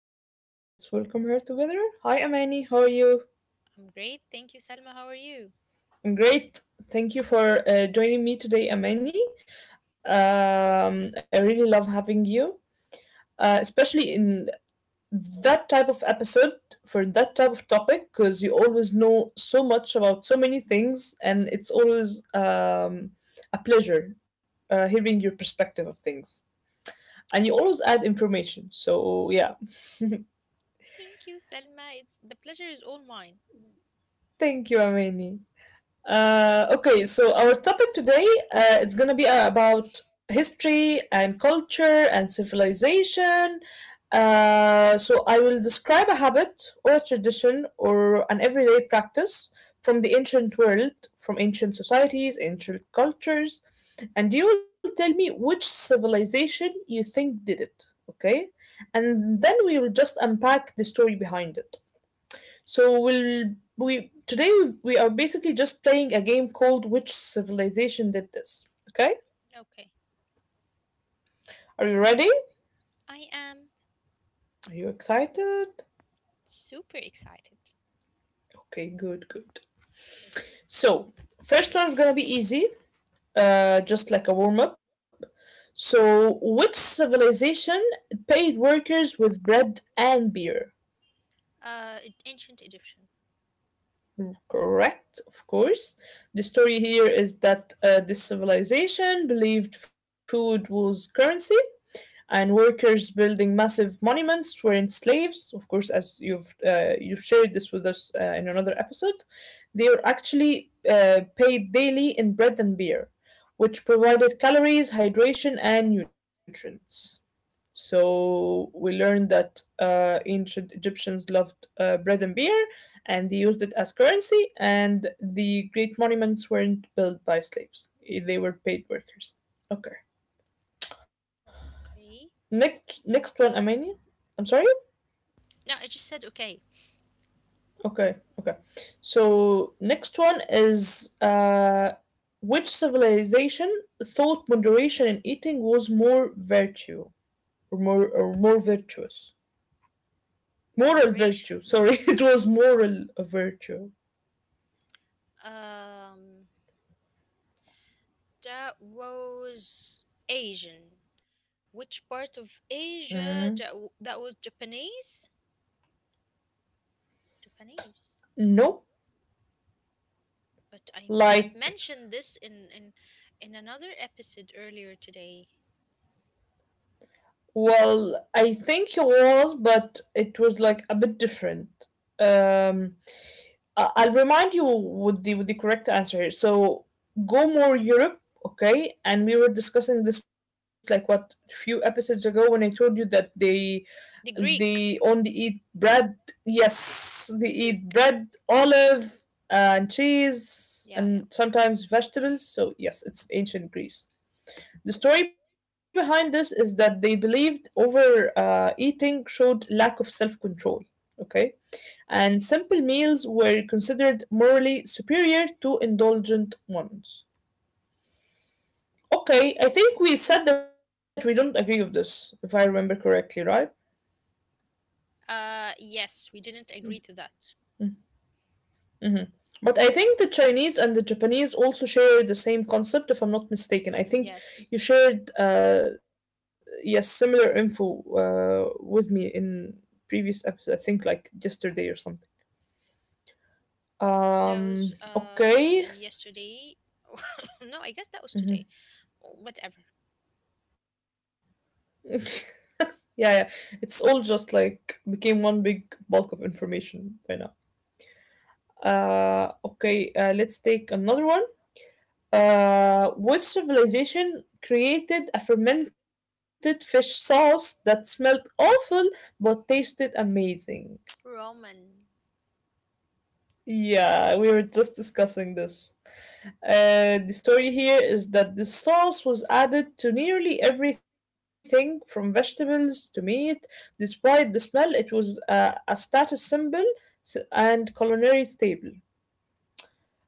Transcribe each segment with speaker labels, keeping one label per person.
Speaker 1: with me. Let's welcome her together. Hi, Amani. How are you? I'm great. Thank you for joining me today, Amani. I really love having you, especially in that type of episode for that type of topic, because you always know so much about so many things, and it's always a pleasure hearing your perspective of things. And you always add information. So yeah,
Speaker 2: Thank you, Selma. It's the pleasure is all mine.
Speaker 1: thank you, Amani. Okay, so our topic today it's gonna be about history and culture and civilization. So I will describe a habit or a tradition or an everyday practice from the ancient world, from ancient societies, ancient cultures, and you will tell me which civilization you think did it. Okay, and then we will just unpack the story behind it. So we'll we today we are basically just playing a game called Which Civilization Did This? Okay?
Speaker 2: Okay.
Speaker 1: Are you ready?
Speaker 2: I am
Speaker 1: Are you excited?
Speaker 2: super excited.
Speaker 1: Okay, good, good. So first one's gonna be easy, just like a warm up. So which civilization paid workers with bread and beer?
Speaker 2: Ancient Egyptian.
Speaker 1: Correct, of course. The story here is that this civilization believed food was currency and workers building massive monuments weren't slaves. Of course, as you've shared this with us in another episode, they were actually paid daily in bread and beer, which provided calories, hydration, and nutrients. So we learned that ancient Egyptians loved bread and beer, and they used it as currency. And the great monuments weren't built by slaves; they were paid workers. Okay.
Speaker 2: Okay.
Speaker 1: Next one, Amani. I'm sorry.
Speaker 2: No, I just said okay.
Speaker 1: Okay, okay. So next one is which civilization thought moderation in eating was more virtue or more virtuous? Moral
Speaker 2: Moderation.
Speaker 1: virtue. Sorry, it was moral virtue.
Speaker 2: Um that was Asian. Which part of
Speaker 1: Mm,
Speaker 2: Asia that was Japanese? Japanese.
Speaker 1: no,
Speaker 2: But I've
Speaker 1: like
Speaker 2: mentioned this in another episode earlier today.
Speaker 1: well, I think it was, but it was like a bit different. Um, I'll remind you with the correct answer. So go more Europe, okay? And we were discussing this like what few episodes ago when I told you that they
Speaker 2: The
Speaker 1: they
Speaker 2: Greek.
Speaker 1: only eat bread. Yes, they
Speaker 2: The
Speaker 1: eat
Speaker 2: Greek.
Speaker 1: bread, olive, and
Speaker 2: Yeah,
Speaker 1: cheese,
Speaker 2: yeah.
Speaker 1: and sometimes vegetables. So yes, it's ancient Greece. The story behind this is that they believed over eating showed lack of self control. Okay, and simple meals were considered morally superior to indulgent ones. Okay, I think we said that we don't agree with this, if I remember correctly, right?
Speaker 2: Oh. Yes, we didn't agree to that.
Speaker 1: hmm But I think the Chinese and the Japanese also share the same concept, if I'm not mistaken. I think
Speaker 2: Yes,
Speaker 1: you shared, yes, similar info with me in previous episode. I think like yesterday or something.
Speaker 2: that was
Speaker 1: Okay.
Speaker 2: yesterday. No, I guess that was today.
Speaker 1: Mhm.
Speaker 2: Whatever.
Speaker 1: Yeah, yeah. It's all just like became one big bulk of information by now. Okay, let's take another one. Which civilization created a fermented fish sauce that smelled awful but tasted amazing?
Speaker 2: Ramen.
Speaker 1: Yeah, we were just discussing this. The story here is that the sauce was added to nearly everything from vegetables to meat. Despite the smell, it was a status symbol and culinary staple.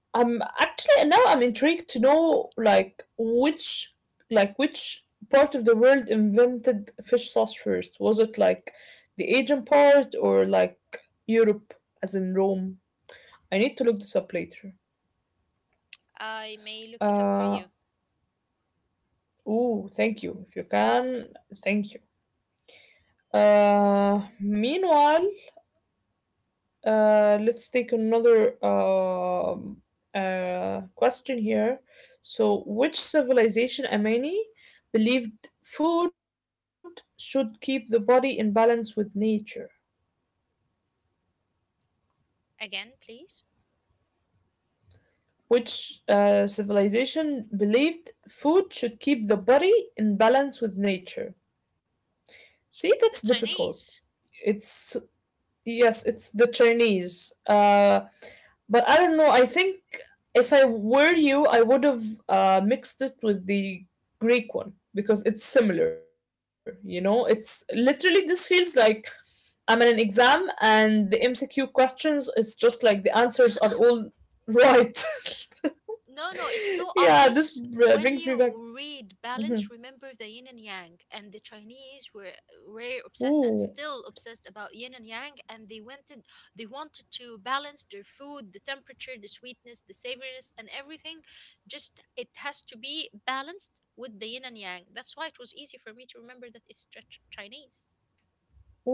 Speaker 1: I'm actually now I'm intrigued to know like which part of the world invented fish sauce first. Was it like the Asian part or like Europe, as in Rome? I need to look this up later.
Speaker 2: I may look it up for
Speaker 1: Uh,
Speaker 2: you
Speaker 1: oh, thank you. If you can, thank you. Meanwhile, let's take another question here. So, which civilization, Amani, believed food should keep the body in balance with nature?
Speaker 2: again, please.
Speaker 1: Which civilization believed food should keep the body in balance with nature? See, that's
Speaker 2: The
Speaker 1: difficult.
Speaker 2: Chinese.
Speaker 1: It's Yes, it's the Chinese. But I don't know. I think if I were you, I would have mixed it with the Greek one because it's similar. It's literally this feels like I'm in an exam and the MCQ questions. It's just like the answers are all right.
Speaker 2: No, no, it's
Speaker 1: Yeah,
Speaker 2: so
Speaker 1: this
Speaker 2: obvious
Speaker 1: brings me
Speaker 2: when
Speaker 1: back.
Speaker 2: you read
Speaker 1: Mhm.
Speaker 2: balance. Remember the yin and yang, and the Chinese were obsessed and
Speaker 1: Ooh,
Speaker 2: still obsessed about yin and yang, and they wanted to balance their food, the temperature, the sweetness, the savoriness, and everything. Just it has to be balanced with the yin and yang. That's why it was easy for me to remember that it's Chinese.
Speaker 1: ooh.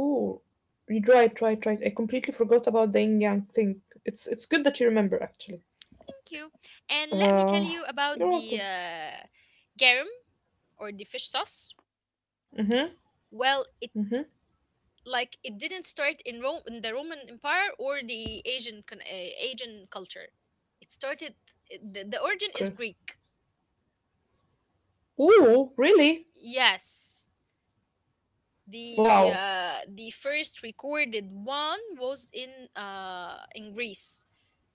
Speaker 1: You try it, try it, try it. I completely forgot about the yin yang thing. It's good that you remember actually.
Speaker 2: Thank you, and let me tell you
Speaker 1: Uh,
Speaker 2: about
Speaker 1: you're
Speaker 2: the
Speaker 1: welcome.
Speaker 2: uh, garum or the fish sauce.
Speaker 1: Mm-hmm. Mm-hmm.
Speaker 2: Well, it it didn't start in Rome in the Roman Empire or the Asian culture. It started the origin is
Speaker 1: Okay.
Speaker 2: Greek.
Speaker 1: Ooh, really?
Speaker 2: Yes.
Speaker 1: Wow.
Speaker 2: The first recorded one was in Greece.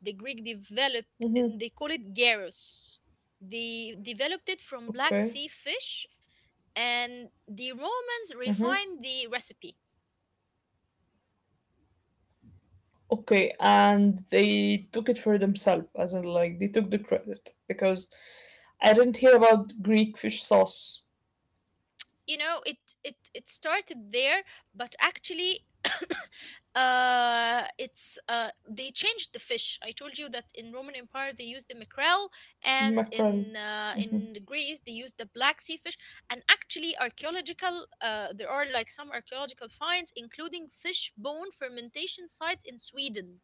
Speaker 2: The Greek developed,
Speaker 1: Mm-hmm.
Speaker 2: they call it gyros. They developed it from Black
Speaker 1: Okay.
Speaker 2: Sea fish, and the
Speaker 1: Mm-hmm.
Speaker 2: Romans refined the recipe.
Speaker 1: Okay, and they took it for themselves, as in, like, they took the credit because I didn't hear about Greek fish sauce.
Speaker 2: It started there, but actually it's they changed the fish. I told you that in Roman Empire they used the mackerel, and
Speaker 1: Mackerel.
Speaker 2: in Greece they used the Black Sea fish. And actually, archaeological there are like some archaeological finds including fish bone fermentation sites in Sweden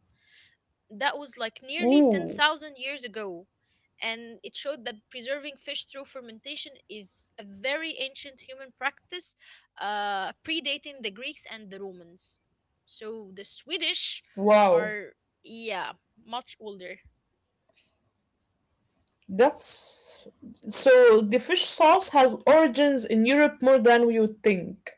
Speaker 2: that was like nearly
Speaker 1: Ooh,
Speaker 2: 10,000 years ago. And it showed that preserving fish through fermentation is a very ancient human practice, predating the Greeks and the Romans. So the Swedish
Speaker 1: wow.
Speaker 2: are, yeah, much older.
Speaker 1: That's so the fish sauce has origins in Europe more than we would think.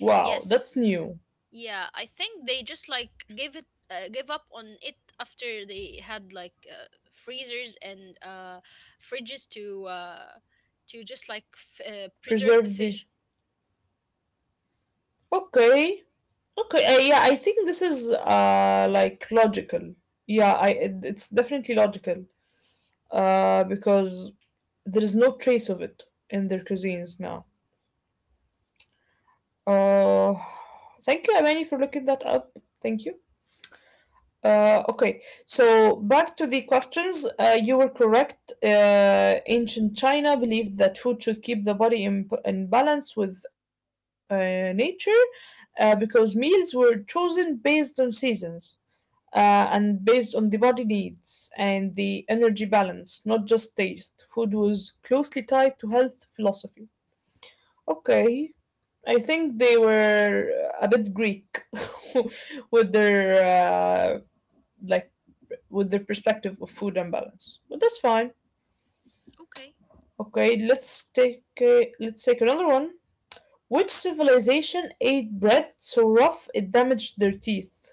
Speaker 1: Wow, that's
Speaker 2: Yes.
Speaker 1: new.
Speaker 2: Yeah, I think they just like gave up on it after they had freezers and fridges to, preserve the
Speaker 1: Preserved.
Speaker 2: fish.
Speaker 1: Okay, Okay, yeah, I think this is like logical. Yeah, it's definitely logical. Because there is no trace of it in their cuisines now. Uh, Thank you, Amani, for looking that up. Thank you. Okay, so back to the questions. You were correct. Ancient China believed that food should keep the body in balance with nature because meals were chosen based on seasons. uh, and based on the body needs and the energy balance, not just taste. Food was closely tied to health philosophy. Okay, I think they were a bit Greek with their like perspective of food and balance, but that's fine.
Speaker 2: Okay.
Speaker 1: Okay, let's take another one. Which civilization ate bread so rough it damaged their teeth?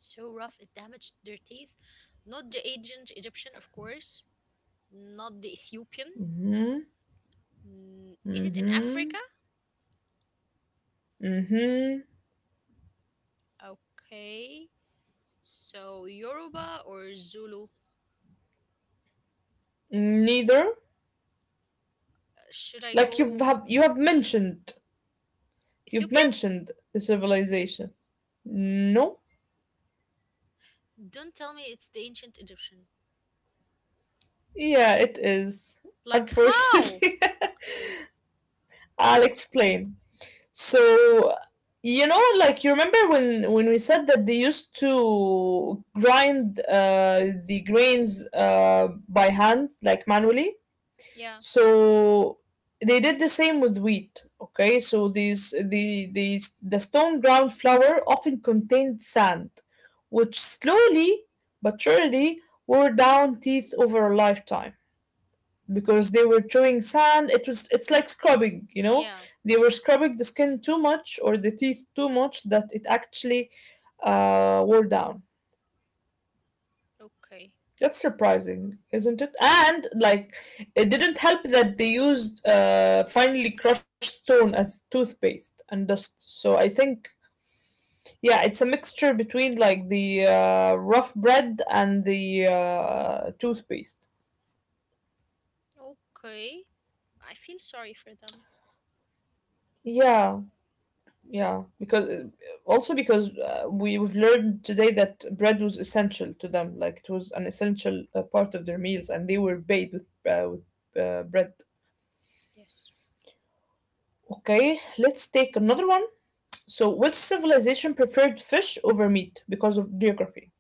Speaker 2: So rough it damaged their teeth. Not the ancient Egyptian, of course. Not the Ethiopian.
Speaker 1: Mm-hmm.
Speaker 2: Is it in
Speaker 1: Mm-hmm.
Speaker 2: Africa?
Speaker 1: Mm-hmm.
Speaker 2: Okay. So Yoruba or Zulu?
Speaker 1: Neither.
Speaker 2: Should I
Speaker 1: Like
Speaker 2: go
Speaker 1: you've
Speaker 2: Ethiopian?
Speaker 1: mentioned the civilization. No?
Speaker 2: Don't tell me it's the ancient Egyptian.
Speaker 1: Yeah, it is.
Speaker 2: Like how?
Speaker 1: Unfortunately. I'll explain. So like you remember when we said that they used to grind the grains by hand, like manually.
Speaker 2: Yeah.
Speaker 1: So they did the same with wheat. Okay, so the stone ground flour often contained sand, which slowly but surely wore down teeth over a lifetime because they were chewing sand. It's like scrubbing.
Speaker 2: Yeah.
Speaker 1: They were scrubbing the skin too much or the teeth too much that it actually wore down.
Speaker 2: Okay.
Speaker 1: That's surprising, isn't it? And like, it didn't help that they used finely crushed stone as toothpaste and dust. So I think, yeah, it's a mixture between like the rough bread and the toothpaste.
Speaker 2: Okay. I feel sorry for them.
Speaker 1: Yeah, yeah. Because we've learned today that bread was essential to them. Like it was an essential part of their meals, and they were bathed with bread.
Speaker 2: Yes.
Speaker 1: Okay, let's take another one. So, which civilization preferred fish over meat because of geography?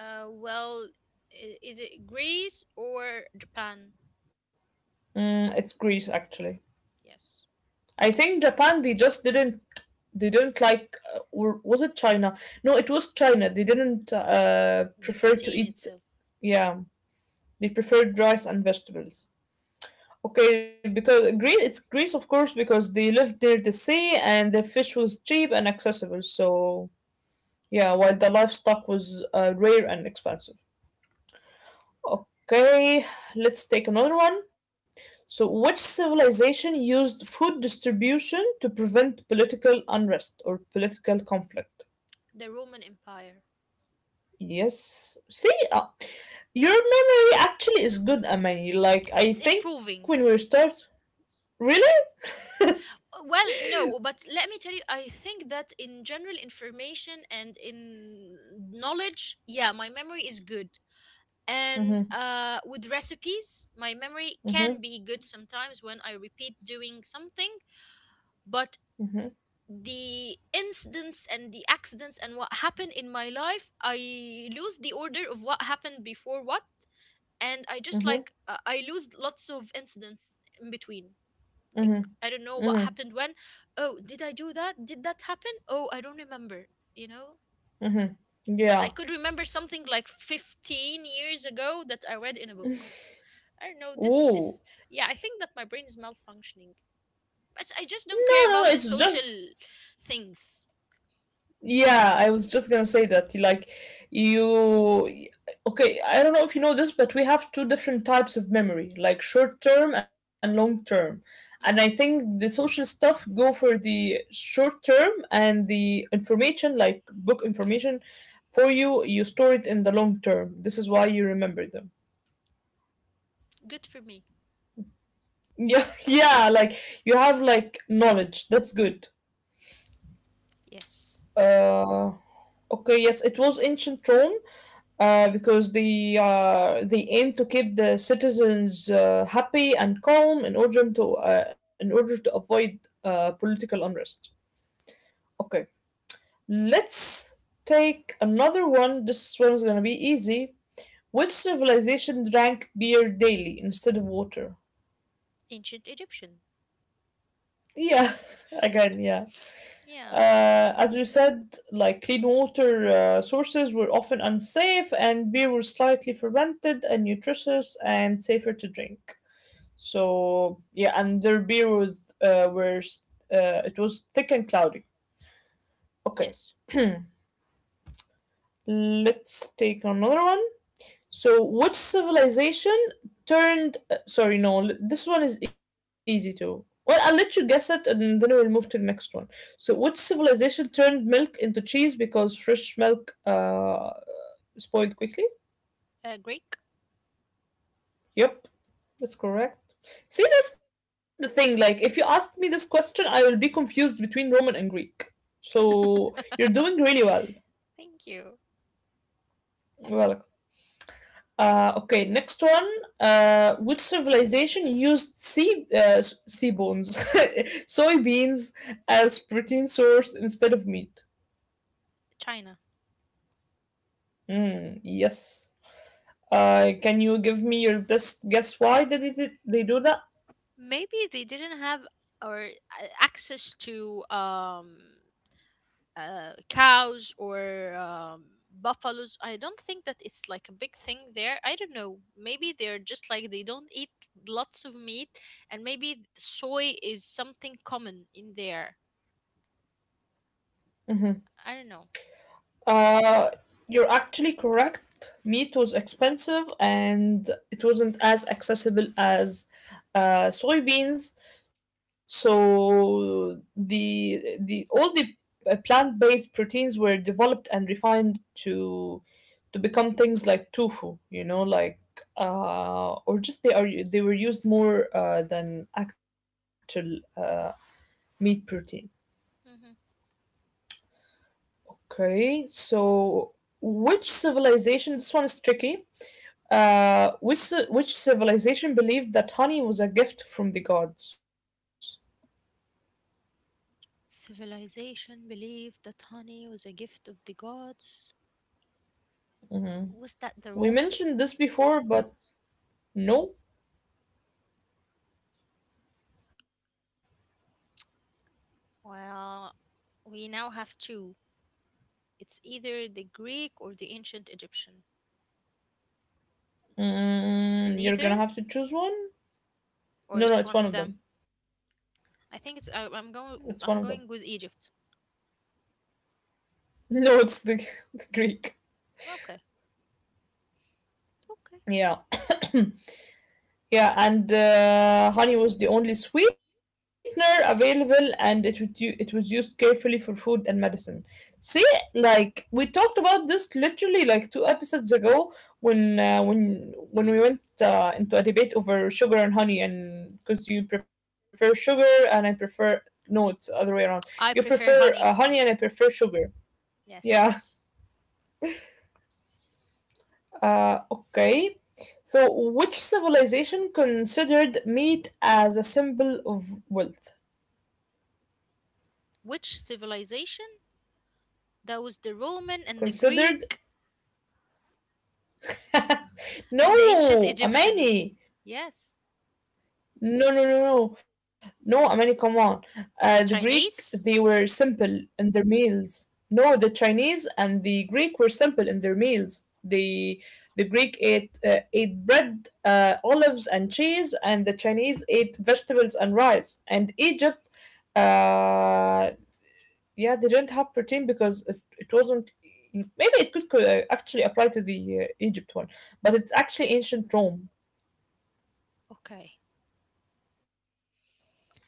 Speaker 2: Well, is it Greece or Japan?
Speaker 1: It's Greece, actually.
Speaker 2: Yes.
Speaker 1: I think Japan. They just didn't. They didn't like. Or was it China? No, it was China. They didn't
Speaker 2: The
Speaker 1: prefer to
Speaker 2: protein
Speaker 1: eat.
Speaker 2: itself.
Speaker 1: Yeah, they preferred rice and vegetables. Okay, because Greece. It's Greece, of course, because they lived near the sea and the fish was cheap and accessible. So yeah, while the livestock was rare and expensive. Okay, let's take another one. So, which civilization used food distribution to prevent political unrest or political conflict?
Speaker 2: The Roman Empire.
Speaker 1: Yes. See, your memory actually is good, Amani. Like, I
Speaker 2: It's
Speaker 1: think when
Speaker 2: improving.
Speaker 1: we start. Really?
Speaker 2: Well, no, but let me tell you, I think that in general information and in knowledge, yeah, my memory is good. And
Speaker 1: Mm-hmm.
Speaker 2: with recipes, my memory can be
Speaker 1: Mm-hmm.
Speaker 2: good sometimes when I repeat doing something, but
Speaker 1: Mm-hmm.
Speaker 2: the incidents and the accidents and what happened in my life, I lose the order of what happened before what, and I just like
Speaker 1: Mm-hmm.
Speaker 2: I lose lots of incidents in between. Like, I
Speaker 1: Mm-hmm.
Speaker 2: don't know
Speaker 1: Mm-hmm.
Speaker 2: what happened when. Oh, did I do that? Did that happen? Oh, I don't remember, you know.
Speaker 1: Mm-hmm.
Speaker 2: But I
Speaker 1: Yeah.
Speaker 2: could remember something like 15 years ago that I read in a book. I don't know this.
Speaker 1: Ooh.
Speaker 2: Yeah, I think that my brain is malfunctioning, but I
Speaker 1: No,
Speaker 2: just don't
Speaker 1: no, no,
Speaker 2: care
Speaker 1: it's
Speaker 2: about the
Speaker 1: just
Speaker 2: social things.
Speaker 1: Yeah, I was just gonna say that. Like, you. Okay, I don't know if you know this, but we have two different types of memory, like short term and long term. And I
Speaker 2: Mm-hmm.
Speaker 1: think the social stuff go for the short term and the information, like book information, for you. You store it in the long term. This is why you remember them.
Speaker 2: Good for me.
Speaker 1: Yeah, yeah. Like you have like knowledge. That's good.
Speaker 2: Yes.
Speaker 1: Uh, okay. Yes, it was ancient Rome. Because they aim to keep the citizens happy and calm in order to avoid political unrest. Okay, let's take another one. This one's gonna be easy. Which civilization drank beer daily instead of water?
Speaker 2: Ancient Egyptian.
Speaker 1: Yeah, again, yeah.
Speaker 2: Yeah.
Speaker 1: As we said, like clean water sources were often unsafe, and beer was slightly fermented and nutritious and safer to drink. So yeah, and their beer was were it was thick and cloudy. Okay,
Speaker 2: Yes.
Speaker 1: let's take another one. So which civilization turned? Uh,, no, this one is easy too. Well, I'll let you guess it, and then we'll move to the next one. So which civilization turned milk into cheese because fresh milk spoiled quickly?
Speaker 2: Greek.
Speaker 1: Yep, that's correct. See, that's the thing. Like, if you asked me this question, I will be confused between Roman and Greek. So you're doing really well.
Speaker 2: Thank you.
Speaker 1: You're welcome. Okay, next one. Which civilization used sea bones, soybeans, as protein source instead of meat?
Speaker 2: China.
Speaker 1: Mm, yes. Can you give me your best guess why did they do that?
Speaker 2: Maybe they didn't have or access to cows or buffaloes. I don't think that it's like a big thing there. I don't know. Maybe they're just like they don't eat lots of meat, and maybe soy is something common in there.
Speaker 1: Mm-hmm.
Speaker 2: I don't know.
Speaker 1: Uh, you're actually correct. Meat was expensive and it wasn't as accessible as soybeans. So the all the Plant-based proteins were developed and refined to to become things like tofu, like or just they were used more than actual meat protein.
Speaker 2: Hmm.
Speaker 1: Okay, so which civilization? This one is tricky. Which civilization believed that honey was a gift from the gods?
Speaker 2: Civilization believed that honey was a gift of the gods. Was that the
Speaker 1: We
Speaker 2: Roman?
Speaker 1: mentioned this before, but no.
Speaker 2: Well, we now have two. It's either the Greek or the ancient Egyptian.
Speaker 1: Mm, you're gonna
Speaker 2: Neither,
Speaker 1: have to choose one.
Speaker 2: or
Speaker 1: No, no,
Speaker 2: it's
Speaker 1: it's
Speaker 2: one
Speaker 1: one
Speaker 2: of
Speaker 1: of
Speaker 2: them.
Speaker 1: them.
Speaker 2: I think it's. I'm
Speaker 1: It's one
Speaker 2: going.
Speaker 1: of them.
Speaker 2: I'm going with Egypt.
Speaker 1: No, it's the Greek.
Speaker 2: Okay. Okay.
Speaker 1: Yeah. Yeah, and honey was the only sweetener available, and it was used carefully for food and medicine. See, like we talked about this literally like two episodes ago when when we went into a debate over sugar and honey, and because you prefer sugar and I prefer no, it's the other way around.
Speaker 2: I
Speaker 1: You
Speaker 2: prefer
Speaker 1: prefer
Speaker 2: honey.
Speaker 1: honey and I prefer sugar.
Speaker 2: Yes.
Speaker 1: Yeah. Okay. So, which civilization considered meat as a symbol of wealth?
Speaker 2: Which civilization? That was the Roman and the
Speaker 1: Considered?
Speaker 2: Greek and the ancient
Speaker 1: No,
Speaker 2: Egyptian.
Speaker 1: Amani.
Speaker 2: Yes.
Speaker 1: No, no, no, no. No, Amani, come on. The Greek, they
Speaker 2: Chinese?
Speaker 1: were simple in their meals. No, the Chinese and the Greek were simple in their meals. The Greek ate ate bread, olives, and cheese, and the Chinese ate vegetables and rice. And Egypt, uh, yeah, they didn't have protein because it wasn't. Maybe it could actually apply to the Egypt one, but it's actually ancient Rome.
Speaker 2: Okay,
Speaker 1: Yeah,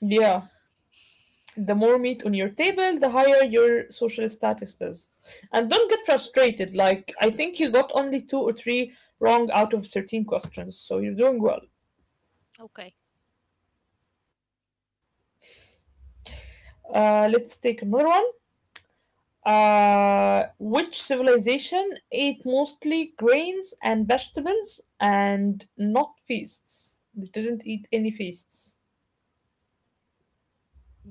Speaker 1: the more meat on your table, the higher your social status is. And don't get frustrated. Like, I think you got only two or three wrong out of 13 questions, so you're doing well.
Speaker 2: okay.
Speaker 1: Let's take another one. Which civilization ate mostly grains and vegetables and not feasts? They didn't eat any feasts.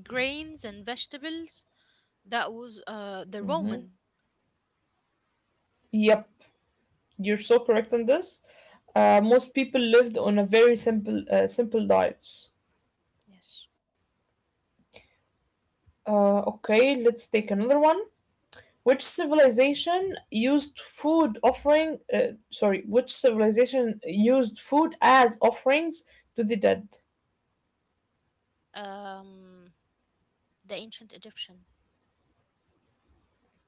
Speaker 2: Grains and vegetables. That was the Roman,
Speaker 1: Yep, you're so correct on this. Most people lived on a very simple diets.
Speaker 2: yes,
Speaker 1: Okay, let's take another one. Which civilization used food as offerings to the dead?
Speaker 2: um, the ancient Egyptian,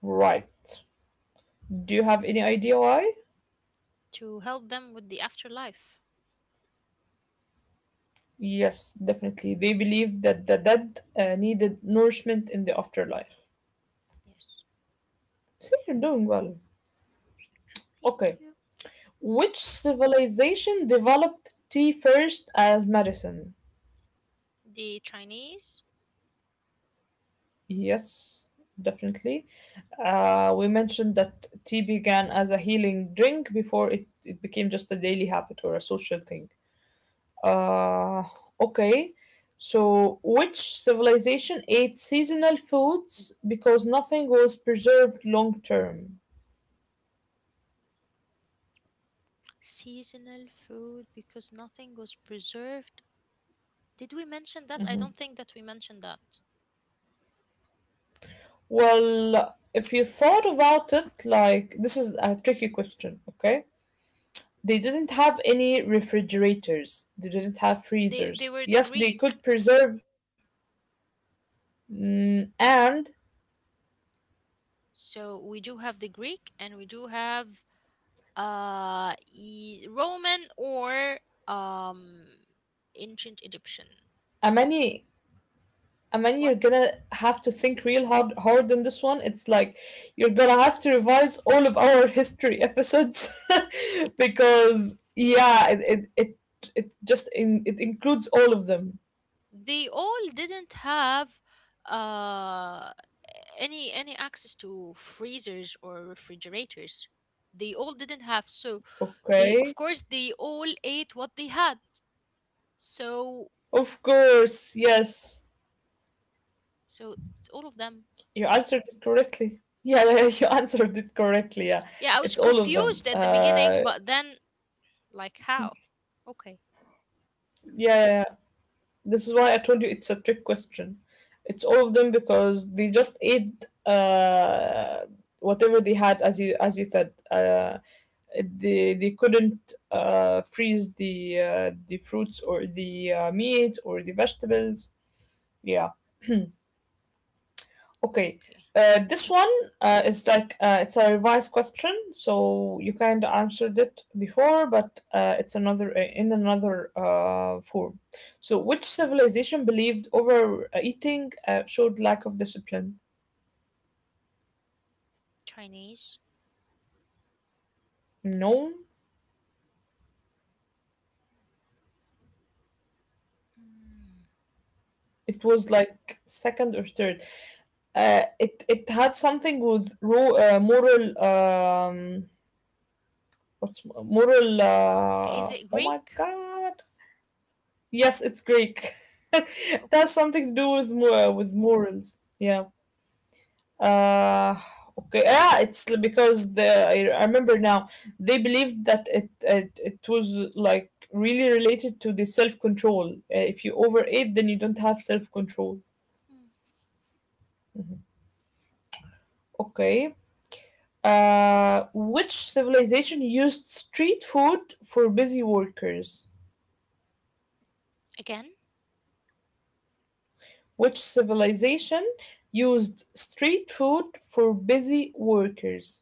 Speaker 1: Right. Do you have any idea why?
Speaker 2: to help them with the afterlife.
Speaker 1: Yes, definitely. They believed that the dead needed nourishment in the afterlife.
Speaker 2: Yes,
Speaker 1: See, you're doing well. Okay.
Speaker 2: thank you.
Speaker 1: Which civilization developed tea first as medicine?
Speaker 2: The Chinese
Speaker 1: Yes, definitely. We mentioned that tea began as a healing drink before it became just a daily habit or a social thing. Uh, okay. So, which civilization ate seasonal foods because nothing was preserved long term?
Speaker 2: seasonal food because nothing was preserved. Did we mention that? I don't think that we mentioned that.
Speaker 1: Well, if you thought about it, like this is a tricky question, okay? They didn't have any refrigerators, they didn't have
Speaker 2: They
Speaker 1: freezers.
Speaker 2: were the
Speaker 1: Yes, they
Speaker 2: Greek,
Speaker 1: could preserve, mm, and
Speaker 2: so we do have the Greek and we do have Roman or um, ancient Egyptian.
Speaker 1: Amani, Amani,
Speaker 2: What?
Speaker 1: you're gonna have to think real hard, hard on this one. It's like you're gonna have to revise all of our history episodes because, yeah, it includes all of them,
Speaker 2: They all didn't have uh any access to freezers or refrigerators. They all didn't have, so they,
Speaker 1: okay?
Speaker 2: of course, they all ate what they had. So
Speaker 1: Of course, yes.
Speaker 2: so it's all of them.
Speaker 1: You answered it correctly. Yeah, yeah, you answered it correctly. Yeah,
Speaker 2: Yeah, I was
Speaker 1: it's all of them.
Speaker 2: confused at the beginning, but then like how? Okay,
Speaker 1: Yeah, yeah, yeah. This is why I told you it's a trick question. It's all of them because they just ate whatever they had, as you said. They couldn't freeze the fruits or the meat or the vegetables. Yeah. Okay.
Speaker 2: okay.
Speaker 1: This one is like it's a revised question, so you kind of answered it before, but it's another in another form. So, which civilization believed overeating showed lack of discipline?
Speaker 2: Chinese.
Speaker 1: No,
Speaker 2: Mm.
Speaker 1: it was like second or third. It had something with moral, um, what's moral,
Speaker 2: Is it
Speaker 1: oh my
Speaker 2: Greek?
Speaker 1: god. Yes, it's Greek.
Speaker 2: Okay.
Speaker 1: That's something to do with with morals. Yeah. Uh, okay. Ah, because the I remember now they believed that it was like really related to the self control. If you overeat, then you don't have self control.
Speaker 2: Hmm.
Speaker 1: Okay. Which civilization used street food for busy workers?
Speaker 2: Again?
Speaker 1: Which civilization used street food for busy workers?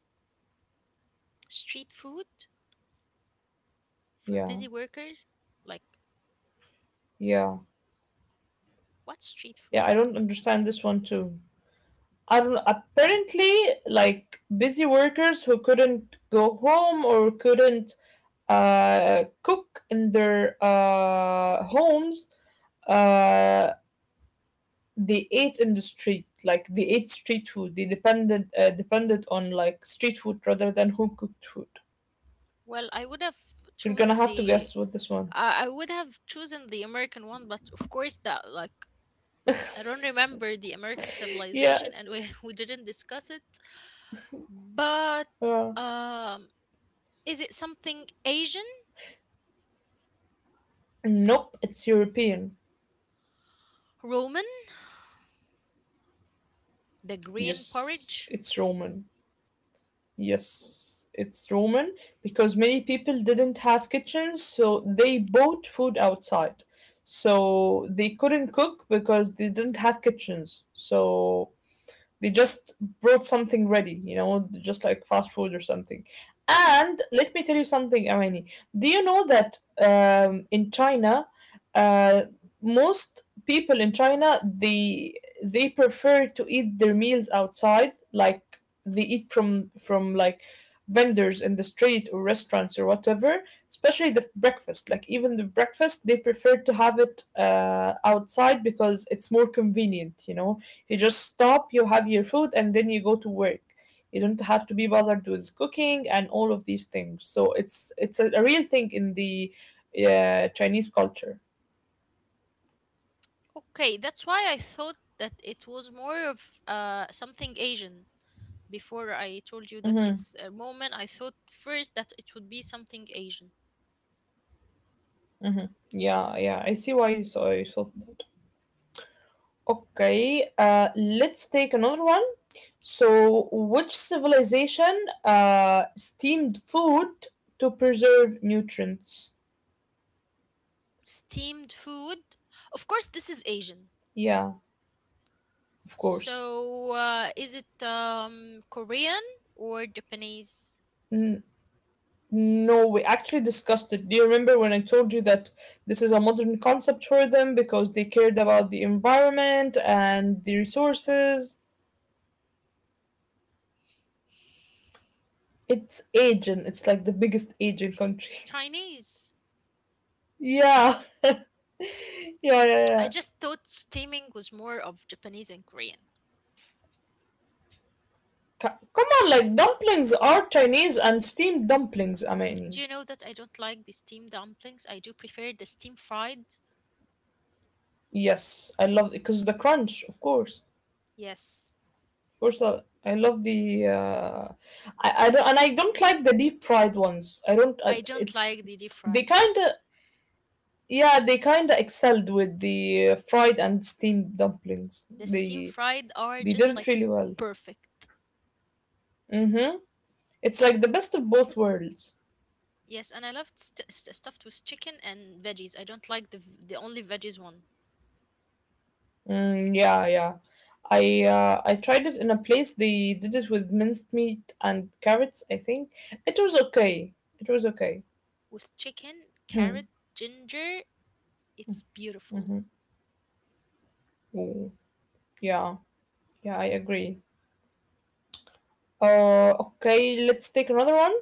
Speaker 2: Street food for
Speaker 1: Yeah.
Speaker 2: busy workers? Like,
Speaker 1: Yeah.
Speaker 2: what street
Speaker 1: Yeah,
Speaker 2: food?
Speaker 1: I
Speaker 2: Like,
Speaker 1: don't understand this one too. I don't apparently like busy workers who couldn't go home or couldn't cook in their homes, uh, they ate in the street. Like they ate street food. They depended on like street food rather than home cooked food.
Speaker 2: well, I would have
Speaker 1: You're gonna
Speaker 2: chosen
Speaker 1: have to
Speaker 2: the.
Speaker 1: guess with this one.
Speaker 2: I would have chosen the American one, but of course that like I don't remember the American
Speaker 1: Yeah.
Speaker 2: civilization, and we we didn't discuss it. But
Speaker 1: Uh,
Speaker 2: um, is it something Asian,
Speaker 1: nope. It's European.
Speaker 2: Roman? The green
Speaker 1: Yes.
Speaker 2: porridge?
Speaker 1: It's Roman. Yes, it's Roman because many people didn't have kitchens, so they bought food outside. So they couldn't cook because they didn't have kitchens. So they just brought something ready, you know, just like fast food or something. And let me tell you something, Amani. Do you know that in China, uh, most people in China they prefer to eat their meals outside, like they eat from like vendors in the street or restaurants or whatever. Especially the breakfast, like even the breakfast, they prefer to have it outside because it's more convenient, you know, you
Speaker 2: Hmm.
Speaker 1: just stop, you have your food, and then you go to work. You don't have to be bothered with cooking and all of these things. So it's a real thing in the Chinese culture.
Speaker 2: Okay, that's why I thought that it was more of something Asian. Before I told you that
Speaker 1: Mm-hmm.
Speaker 2: it's a moment, I thought first that it would be something Asian.
Speaker 1: Yeah, yeah, I see why you thought that. Okay, let's take another one. So, which civilization steamed food to preserve nutrients?
Speaker 2: Steamed food? Of course, this is Asian.
Speaker 1: Yeah, of course.
Speaker 2: So, is it Korean or Japanese?
Speaker 1: No, we actually discussed it. Do you remember when I told you that this is a modern concept for them because they cared about the environment and the resources? It's Asian. It's like the biggest Asian country.
Speaker 2: Chinese.
Speaker 1: Yeah. Yeah, yeah,
Speaker 2: I
Speaker 1: yeah.
Speaker 2: just thought steaming was more of Japanese and Korean.
Speaker 1: C- Come on, like dumplings are Chinese and steamed dumplings. I mean,
Speaker 2: Do you know that I don't like the steamed dumplings? I do prefer the steam fried.
Speaker 1: yes, I love because the crunch, of course,
Speaker 2: Yes.
Speaker 1: of course. I love the I don't, and I don't like the deep fried ones. I don't. I,
Speaker 2: I don't
Speaker 1: it's
Speaker 2: like the deep
Speaker 1: they
Speaker 2: fried.
Speaker 1: kind of Yeah, they kind of excelled with the fried and steamed dumplings.
Speaker 2: The steam
Speaker 1: They
Speaker 2: fried are
Speaker 1: they
Speaker 2: just
Speaker 1: did
Speaker 2: like
Speaker 1: it really well.
Speaker 2: perfect.
Speaker 1: Mm-hmm. It's like the best of both worlds.
Speaker 2: Yes, and I love stuffed with chicken and veggies. I don't like the only veggies one.
Speaker 1: Mm, yeah, yeah. I tried it in a place they did it with minced meat and carrots, I think. It was okay. It was okay.
Speaker 2: With chicken, carrot, ginger, it's beautiful.
Speaker 1: Mm, yeah, yeah, I agree. Okay, let's take another one.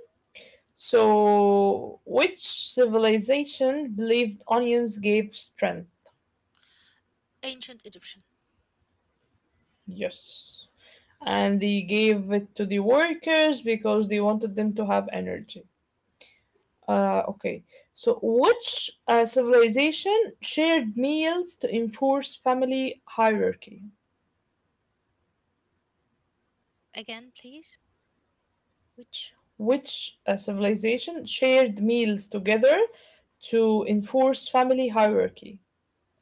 Speaker 1: So, which civilization believed onions gave strength?
Speaker 2: Ancient Egyptian.
Speaker 1: Yes. And they gave it to the workers because they wanted them to have energy. Okay, so which civilization shared meals to enforce family hierarchy?
Speaker 2: Again, please. Which
Speaker 1: Which civilization shared meals together to enforce family hierarchy?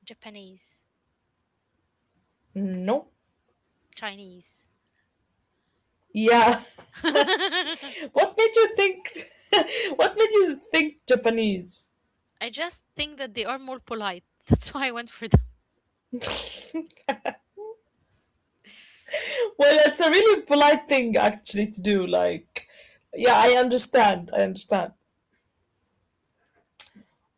Speaker 2: Japanese,
Speaker 1: No.
Speaker 2: Chinese.
Speaker 1: Yeah.
Speaker 2: I
Speaker 1: What made you think? What made you think Japanese?
Speaker 2: just think that they are more polite. That's why I went for the
Speaker 1: Well, it's a really polite thing actually to do. Like, yeah, I understand. I understand.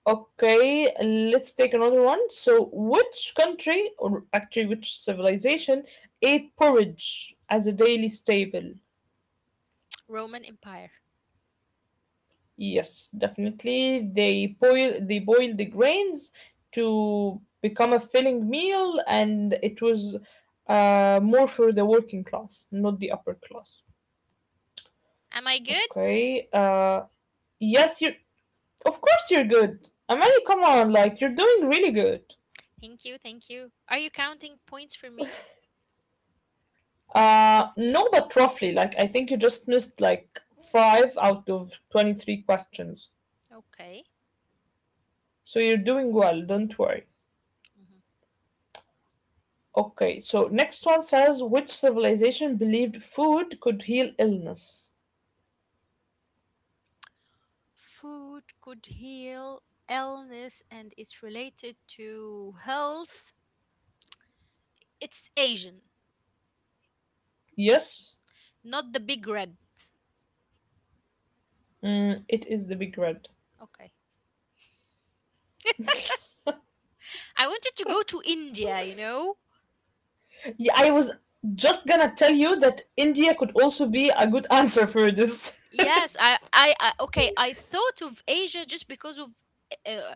Speaker 1: Okay, let's take another one. So, which country, or actually which civilization, ate porridge as a daily staple?
Speaker 2: Roman Empire.
Speaker 1: Yes, definitely. They boiled the grains to become a filling meal, and it was more for the working class, not the upper class.
Speaker 2: Am I good?
Speaker 1: Okay. Yes, you Of course you're good. Amani, come on, like you're doing really good.
Speaker 2: Thank you, thank you. Are you counting points for me?
Speaker 1: Uh, no, but roughly, like I think you just missed like five out of 23 questions.
Speaker 2: Okay.
Speaker 1: So you're doing well, don't worry.
Speaker 2: Mhm.
Speaker 1: Okay, so next one says which civilization believed food could heal illness?
Speaker 2: Food could heal illness and it's related to health. It's Asian,
Speaker 1: Yes,
Speaker 2: not the big red.
Speaker 1: mm, it is the big red.
Speaker 2: Okay. I wanted to go to India, you know?
Speaker 1: Yeah, I was just gonna tell you that India could also be a good answer for this.
Speaker 2: Yes, I okay, I thought of Asia just because uh,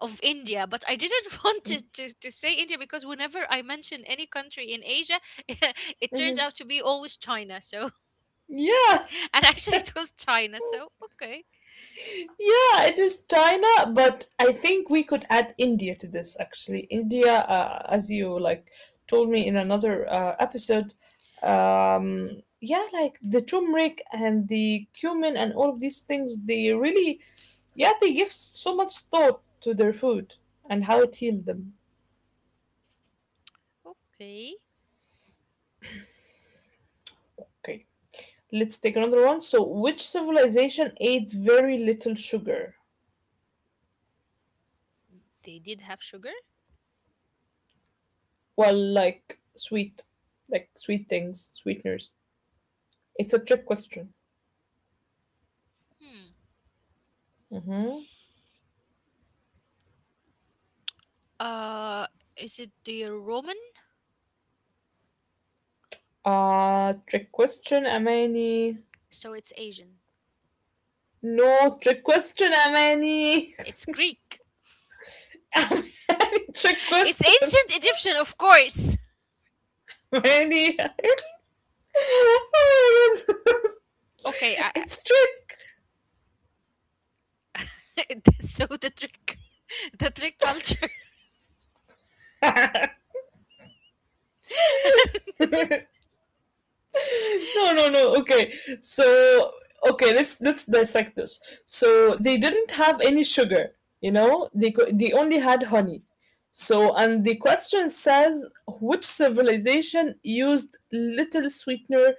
Speaker 2: of India, but I didn't want to say India because whenever I mention any country in Asia, it turns
Speaker 1: Mhm.
Speaker 2: out to be always China. So,
Speaker 1: Yeah.
Speaker 2: and actually, it was China. So, okay,
Speaker 1: Yeah, it is China, but I think we could add India to this actually. India, as you like told me in another episode, yeah, like the turmeric and the cumin and all of these things, they really, yeah, they give so much thought to their food and how it healed them.
Speaker 2: okay,
Speaker 1: Okay, let's take another one. So, which civilization ate very little sugar?
Speaker 2: they did have sugar.
Speaker 1: Well, like sweet things, sweeteners. It's a trick question.
Speaker 2: Hmm.
Speaker 1: Mhm.
Speaker 2: Uh, is it the Roman?
Speaker 1: Trick question, Amani.
Speaker 2: So it's Asian.
Speaker 1: No, trick question, Amani.
Speaker 2: It's Greek.
Speaker 1: Amani, trick
Speaker 2: It's
Speaker 1: question,
Speaker 2: ancient Egyptian, of course.
Speaker 1: Amani. Oh my God.
Speaker 2: Okay, I,
Speaker 1: It's trick.
Speaker 2: so the trick, the trick culture.
Speaker 1: No, no, no. Okay, so okay, let's dissect this. So they didn't have any sugar, you know, they only had honey. So, and the question says which civilization used little sweetener,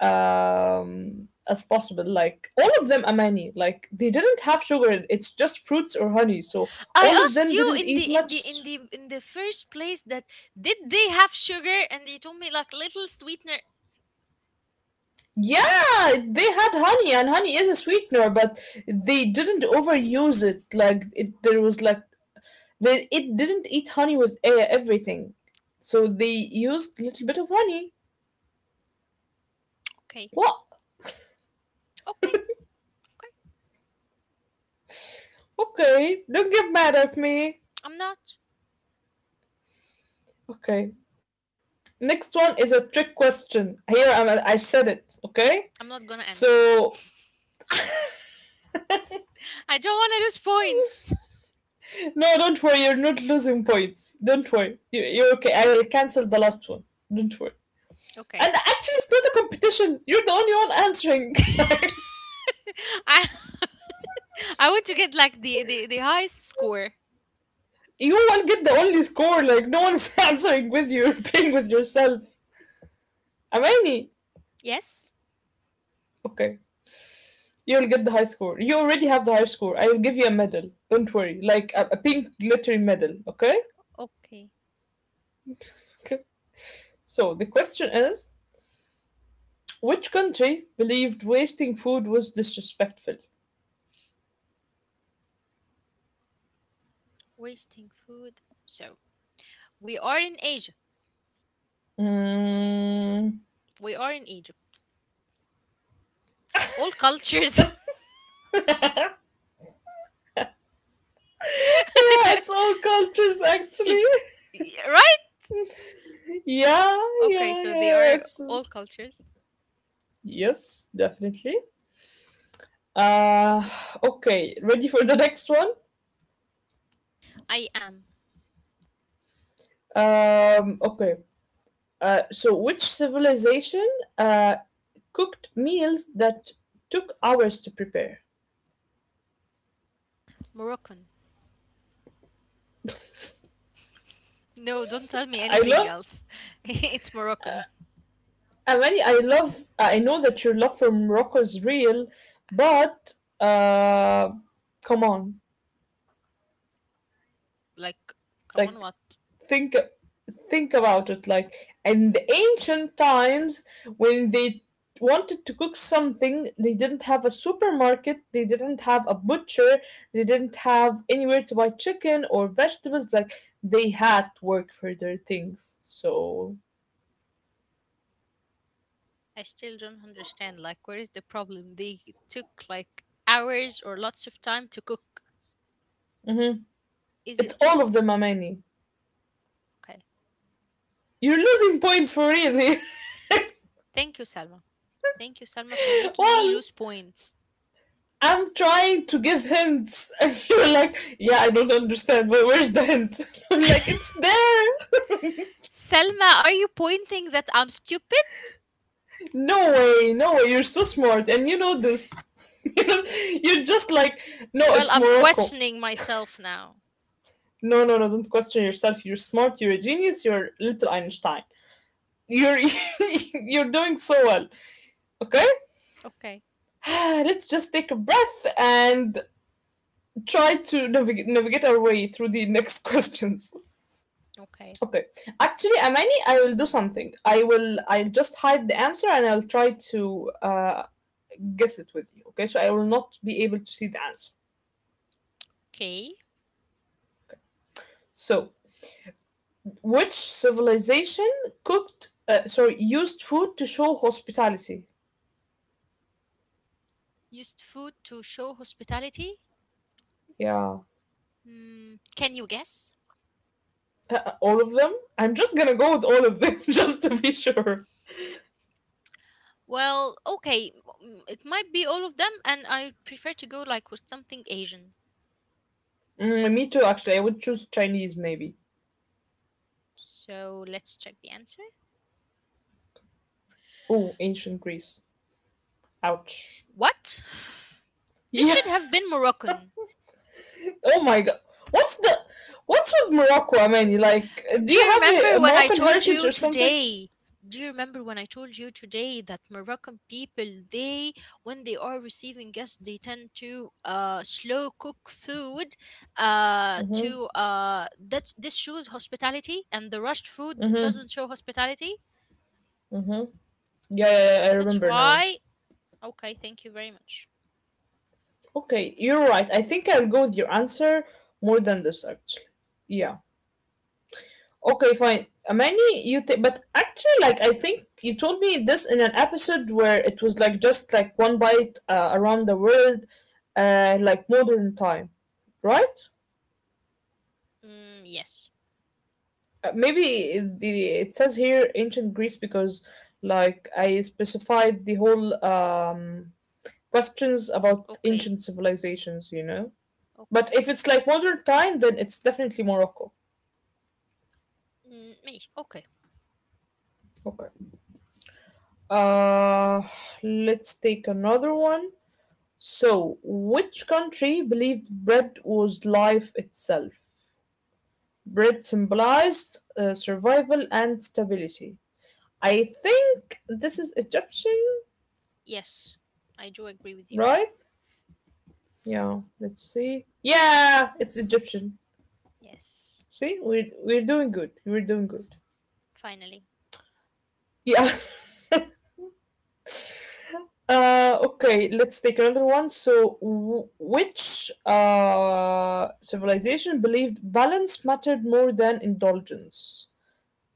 Speaker 1: um, as possible, like all of them, Amani. Like they didn't have sugar, it's just fruits or honey. So
Speaker 2: I
Speaker 1: all of
Speaker 2: asked
Speaker 1: them
Speaker 2: you
Speaker 1: didn't
Speaker 2: in
Speaker 1: eat
Speaker 2: the in the
Speaker 1: much.
Speaker 2: in the in the first place that did they have sugar, and you told me like little sweetener.
Speaker 1: Yeah, they had honey, and honey is a sweetener, but they didn't overuse it. Like there was like it didn't eat honey with everything, so they used a little bit of honey.
Speaker 2: Okay,
Speaker 1: What?
Speaker 2: okay, okay.
Speaker 1: Okay, don't get mad at me.
Speaker 2: I'm not.
Speaker 1: Okay, next one is a trick question. Here I'm. I said it. Okay,
Speaker 2: I'm not gonna answer.
Speaker 1: so
Speaker 2: I don't want to lose points.
Speaker 1: no, don't worry. You're not losing points. Don't worry. You're okay. I will cancel the last one. Don't worry.
Speaker 2: Okay.
Speaker 1: And actually, it's not a competition. You're the only one answering.
Speaker 2: I I want to get like the highest score.
Speaker 1: You will get the only score. No one's answering with you. You're playing with yourself. Amani,
Speaker 2: Yes?
Speaker 1: okay, you'll get the high score. You already have the high score. I will give you a medal. Don't worry. Like, a
Speaker 2: Okay.
Speaker 1: pink glittery medal, okay?
Speaker 2: Okay.
Speaker 1: Okay? So, the question is which country believed wasting food was disrespectful?
Speaker 2: Wasting food. So, we are in Asia.
Speaker 1: Mm,
Speaker 2: We are in Egypt. All cultures.
Speaker 1: yeah, it's all cultures actually.
Speaker 2: Right?
Speaker 1: Yeah,
Speaker 2: Okay,
Speaker 1: yeah,
Speaker 2: so they
Speaker 1: yeah.
Speaker 2: are
Speaker 1: It's
Speaker 2: all cultures.
Speaker 1: yes, definitely. Uh, okay, ready for the next one?
Speaker 2: I am
Speaker 1: Okay. So, which civilization uh, cooked meals that took hours to prepare?
Speaker 2: Moroccan. No, don't tell me
Speaker 1: I
Speaker 2: anything
Speaker 1: love,
Speaker 2: else. It's Moroccan.
Speaker 1: Amani, I love, I know that your love for Morocco is real, but uh, come on.
Speaker 2: Like, come on,
Speaker 1: Like,
Speaker 2: what?
Speaker 1: think think about it, like in the ancient times, when they wanted to cook something, they didn't have a supermarket, they didn't have a butcher, they didn't have anywhere to buy chicken or vegetables. Like, they had to work for their things, so
Speaker 2: I still don't understand. Like, where is the problem? They took like hours or lots of time to cook.
Speaker 1: mhm.
Speaker 2: Is
Speaker 1: It's
Speaker 2: it
Speaker 1: all
Speaker 2: just.
Speaker 1: of them, Amani.
Speaker 2: Okay?
Speaker 1: You're losing points for really.
Speaker 2: Thank you, Selma. Thank you, Selma, for making me
Speaker 1: Well,
Speaker 2: lose points.
Speaker 1: I'm trying to give hints, and you're like, yeah, I don't understand, but where's the hint? I'm like, it's there.
Speaker 2: Selma, are you pointing that I'm stupid?
Speaker 1: No way, no way, you're so smart, and you know this. You know, you're just like, no,
Speaker 2: Well,
Speaker 1: it's
Speaker 2: I'm
Speaker 1: Morocco.
Speaker 2: questioning myself now.
Speaker 1: No, no, no, don't question yourself. You're smart, you're a genius, you're little Einstein. You're you're doing so well. Okay?
Speaker 2: Okay.
Speaker 1: Let's just take a breath and try to navigate our way through the next questions.
Speaker 2: Okay.
Speaker 1: Okay. Actually, Amani, I will do something. I'll just hide the answer, and I'll try to guess it with you. Okay? So I will not be able to see the answer.
Speaker 2: Okay.
Speaker 1: So, which civilization cooked, sorry, used food to show hospitality?
Speaker 2: Used food to show hospitality?
Speaker 1: Yeah,
Speaker 2: Hmm. Can you guess?
Speaker 1: All of them. I'm just gonna go with all of them just to be sure.
Speaker 2: Well, okay. It might be all of them, and I prefer to go like with something Asian.
Speaker 1: Mm, me too, actually. I would choose Chinese, maybe.
Speaker 2: So let's check the answer.
Speaker 1: Oh, ancient Greece. Ouch.
Speaker 2: What? This
Speaker 1: Yeah.
Speaker 2: should have been Moroccan.
Speaker 1: Oh my god. What's the. What's with Morocco, Amani? Like, do
Speaker 2: Do
Speaker 1: you
Speaker 2: you
Speaker 1: have
Speaker 2: remember
Speaker 1: a
Speaker 2: when I
Speaker 1: Moroccan
Speaker 2: told
Speaker 1: heritage
Speaker 2: you
Speaker 1: or something?
Speaker 2: today? Do you remember when I told you today that Moroccan people, they, when they are receiving guests, they tend to slow cook food
Speaker 1: Mm-hmm.
Speaker 2: that this shows hospitality and the rushed food
Speaker 1: Mm-hmm.
Speaker 2: doesn't show hospitality.
Speaker 1: Mm-hmm. Yeah, yeah, yeah, I
Speaker 2: That's
Speaker 1: remember now.
Speaker 2: why. Okay, thank you very much.
Speaker 1: Okay, you're right. I think I'll go with your answer more than this, actually. Yeah. Okay, fine. Amani, you take, but actually, like, I think you told me this in an episode where it was like just like one bite around the world, like modern time, right?
Speaker 2: Mm, yes.
Speaker 1: Maybe the it says here ancient Greece because like I specified the whole questions about
Speaker 2: Okay.
Speaker 1: ancient civilizations, you know. But
Speaker 2: Okay.
Speaker 1: if it's like modern time, then it's definitely Morocco.
Speaker 2: Mm, ماشي. Okay.
Speaker 1: Okay. Uh, let's take another one. So, which country believed bread was life itself? Bread symbolized survival and stability. I think this is Egyptian,
Speaker 2: Yes. I do agree with you.
Speaker 1: right? Yeah, let's see. Yeah, it's Egyptian.
Speaker 2: Yes.
Speaker 1: See, we're doing good. We're doing good.
Speaker 2: Finally.
Speaker 1: Yeah. Okay, let's take another one. So, which civilization believed balance mattered more than indulgence?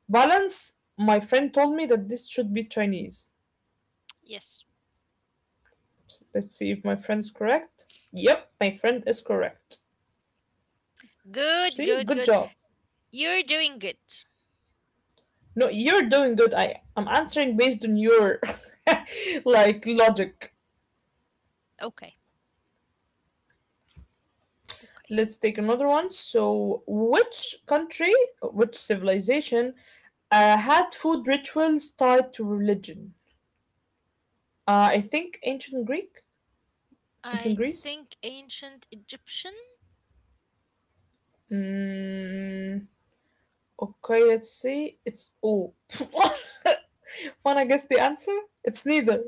Speaker 1: Balance, my friend told me that this should be Chinese.
Speaker 2: Yes.
Speaker 1: Let's see if my friend's correct. Yep, my friend is correct.
Speaker 2: Good,
Speaker 1: See,
Speaker 2: good,
Speaker 1: good
Speaker 2: good.
Speaker 1: job.
Speaker 2: You're doing good.
Speaker 1: No, you're doing good. I'm answering based on your like logic.
Speaker 2: Okay, okay.
Speaker 1: Let's take another one. So, which country, which civilization had food rituals tied to religion? I think ancient Greek, ancient
Speaker 2: I
Speaker 1: Greece.
Speaker 2: think ancient Egyptian.
Speaker 1: Mm, okay, let's see. It's oh, when I guess the answer, it's neither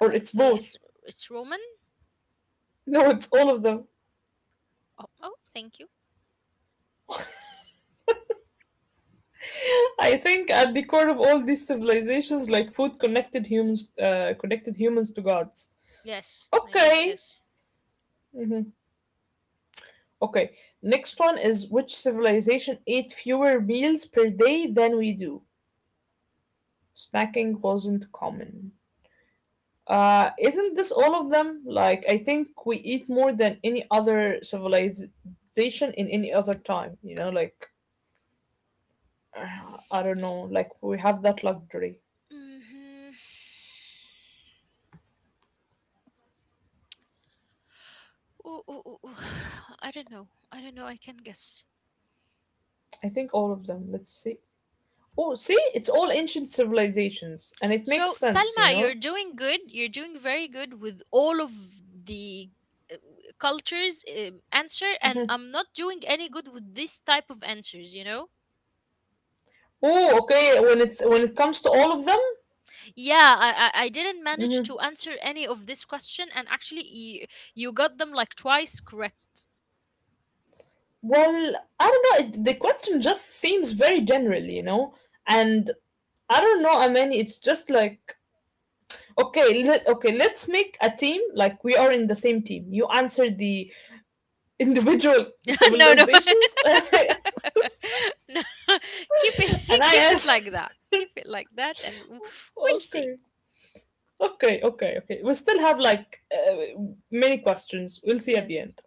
Speaker 1: or it's
Speaker 2: So it's
Speaker 1: both.
Speaker 2: Roman.
Speaker 1: No, it's all of them.
Speaker 2: Oh, oh, thank you.
Speaker 1: I think at the core of all these civilizations, like food, connected humans to gods.
Speaker 2: Yes, I guess
Speaker 1: Okay.
Speaker 2: yes.
Speaker 1: Mhm. Okay. Next one is which civilization ate fewer meals per day than we do? Snacking wasn't common. Isn't this all of them? Like, I think we eat more than any other civilization in any other time. You know, like, I don't know, like, we have that luxury.
Speaker 2: Mm-hmm. Ooh, ooh, ooh, ooh. I don't know. I don't know. I can guess.
Speaker 1: I think all of them. Let's see. Oh, see, it's all ancient civilizations, and it
Speaker 2: So
Speaker 1: makes sense, you
Speaker 2: Salma, you're
Speaker 1: know.
Speaker 2: doing good. You're doing very good with all of the uh, cultures answer, and
Speaker 1: Mhm.
Speaker 2: I'm not doing any good with this type of answers. You know.
Speaker 1: Oh, okay. When it's when it comes to all of them,
Speaker 2: Yeah, I didn't manage
Speaker 1: hmm,
Speaker 2: to answer any of this question, and actually, you got them like twice correct.
Speaker 1: well, I don't know. It, the question just seems very general, you know, and I don't know. I mean, it's just like okay, okay, let's make a team, like we are in the same team. You answer the individual
Speaker 2: No, no, no.
Speaker 1: civilizations, and
Speaker 2: Keep it, keep
Speaker 1: I
Speaker 2: it
Speaker 1: answer.
Speaker 2: like that. Keep it like that, and we'll see.
Speaker 1: Okay, okay, okay, okay. We still have like many questions. We'll see at the
Speaker 2: Yes,
Speaker 1: end.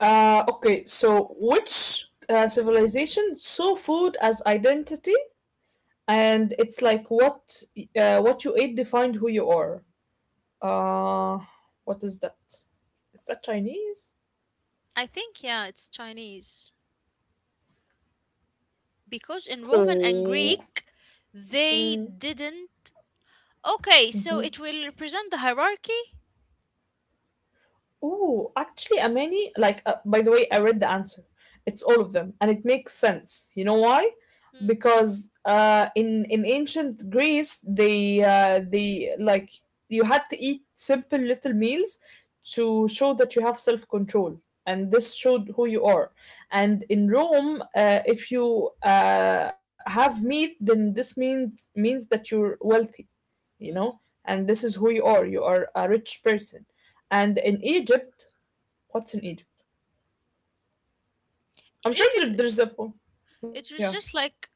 Speaker 1: Okay, so which civilization saw food as identity, and it's like what you ate defined who you are. Uh, what is that? Is that Chinese?
Speaker 2: I think yeah, it's Chinese because in Roman and
Speaker 1: Oh.
Speaker 2: Greek, they
Speaker 1: Mm.
Speaker 2: didn't. Okay, so it will represent the hierarchy.
Speaker 1: Oh, actually, Amani, like, by the way, I read the answer. It's all of them, and it makes sense. You know why?
Speaker 2: Mm,
Speaker 1: Because in ancient Greece, they like you had to eat simple little meals to show that you have self control, and this showed who you are. And in Rome, if you have meat, then this means that you're wealthy, you know,
Speaker 2: mhm.
Speaker 1: and this is who you are, you are a rich person. And in Egypt, what's in Egypt?
Speaker 2: In
Speaker 1: I'm sure
Speaker 2: Egypt,
Speaker 1: there's a yeah.
Speaker 2: it was just like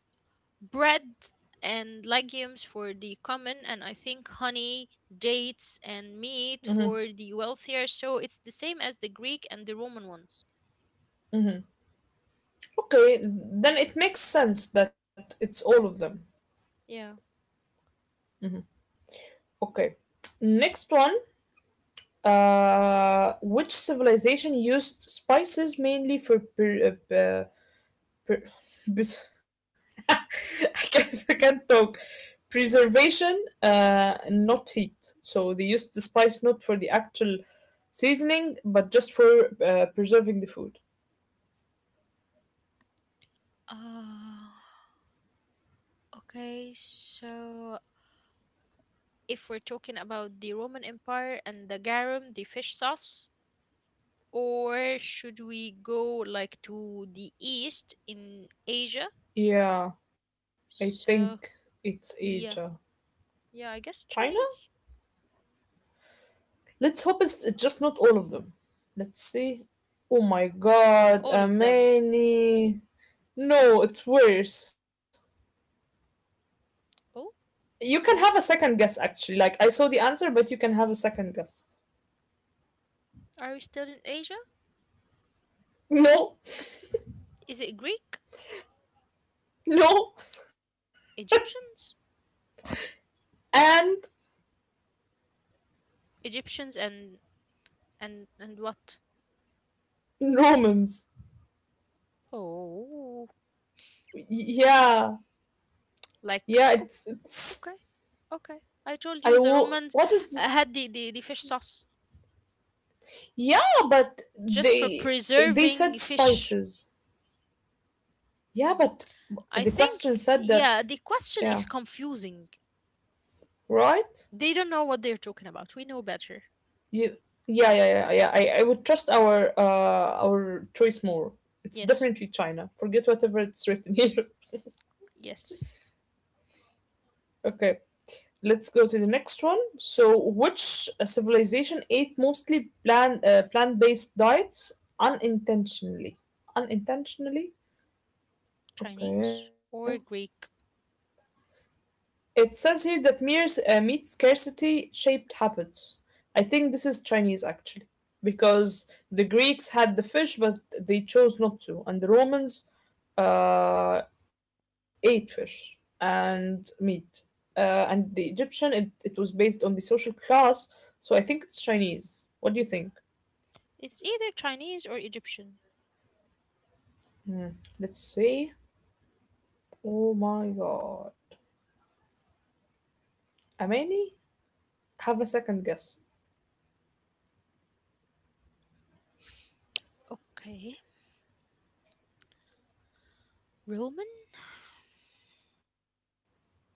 Speaker 2: bread and legumes for the common, and I think honey, dates, and meat
Speaker 1: Hmm.
Speaker 2: for the wealthier, so it's the same as the Greek and the Roman ones.
Speaker 1: Okay, then it makes sense that it's all of them. Okay, next one. Which civilization used spices mainly for per- bes- I I can't talk. Preservation, not heat. So they used the spice not for the actual seasoning, but just for preserving the food.
Speaker 2: Uh, okay, so if we're talking about the Roman Empire and the garum, the fish sauce, or should we go like to the east in Asia?
Speaker 1: Yeah, I think
Speaker 2: So
Speaker 1: it's Asia.
Speaker 2: yeah, yeah, I guess
Speaker 1: China?
Speaker 2: Chinese.
Speaker 1: Let's hope it's just not all of them. Let's see. Oh my god,
Speaker 2: All of them.
Speaker 1: Amani. No, it's worse.
Speaker 2: Oh,
Speaker 1: You can have a
Speaker 2: okay.
Speaker 1: second guess actually. Like I saw the answer, but you can have a second guess.
Speaker 2: Are we still in Asia?
Speaker 1: No.
Speaker 2: Is it Greek?
Speaker 1: No.
Speaker 2: Egyptians?
Speaker 1: And
Speaker 2: Egyptians and and what?
Speaker 1: Romans.
Speaker 2: Oh,
Speaker 1: Yeah.
Speaker 2: like
Speaker 1: Yeah,
Speaker 2: oh,
Speaker 1: it's
Speaker 2: okay, okay. I told you the Romans
Speaker 1: what is this?
Speaker 2: had the fish sauce
Speaker 1: Yeah, but
Speaker 2: just for
Speaker 1: they
Speaker 2: preserving
Speaker 1: said
Speaker 2: fish.
Speaker 1: spices. Yeah,
Speaker 2: Hmm.
Speaker 1: but
Speaker 2: I
Speaker 1: the question
Speaker 2: think
Speaker 1: said that
Speaker 2: yeah, the question
Speaker 1: yeah,
Speaker 2: is confusing.
Speaker 1: right?
Speaker 2: They don't know what they're talking about. We know better.
Speaker 1: You yeah, yeah, yeah, yeah. I would trust our choice more. It's
Speaker 2: Yes.
Speaker 1: definitely China. Forget whatever it's written here.
Speaker 2: Yes.
Speaker 1: Okay. Let's go to the next one. So, which civilization ate mostly plant-based diets unintentionally? Unintentionally? Okay.
Speaker 2: Chinese or Greek?
Speaker 1: It says here that mere meat scarcity shaped habits. I think this is Chinese actually, because the Greeks had the fish, but they chose not to, and the Romans uh, ate fish and meat. And the Egyptian, it was based on the social class, so I think it's Chinese. What do you think?
Speaker 2: It's either Chinese or Egyptian.
Speaker 1: Let's see. Oh my god. Amani? Have a second guess.
Speaker 2: Okay. Roman?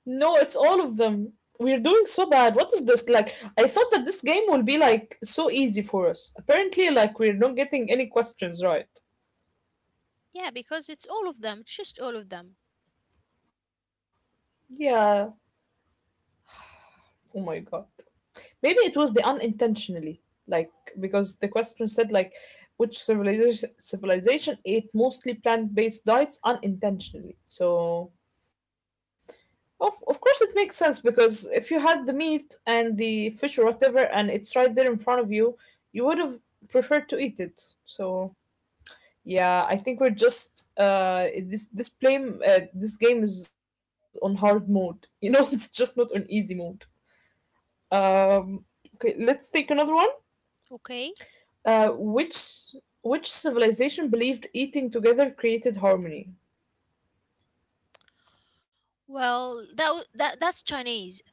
Speaker 1: No, it's all of them. We're doing so bad. What is this? Like, I thought that this game will be like so easy for us. Apparently, like, we're not getting any questions right.
Speaker 2: Yeah, because it's all of them, just all of them.
Speaker 1: Yeah. Oh my god. Maybe it was the unintentionally, like because the question said like which civilization ate mostly plant-based diets unintentionally. So of course it makes sense, because if you had the meat and the fish or whatever and it's right there in front of you, you would have preferred to eat it. So yeah, I think we're just this game is on hard mode. You know, it's just not on easy mode. Um okay, let's take another one.
Speaker 2: Okay.
Speaker 1: Uh, which which civilization believed eating together created harmony?
Speaker 2: Well, that that's Chinese.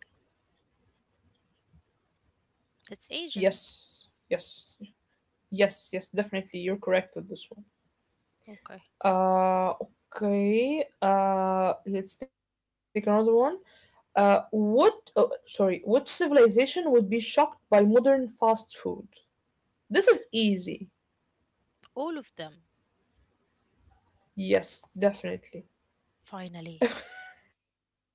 Speaker 2: That's Asian.
Speaker 1: Yes, yes, yes, yes. Definitely, you're correct with this one.
Speaker 2: Okay.
Speaker 1: Uh, okay. Let's take another one. What? Oh, sorry. Which civilization would be shocked by modern fast food? This is easy.
Speaker 2: All of them,
Speaker 1: Yes, definitely.
Speaker 2: finally.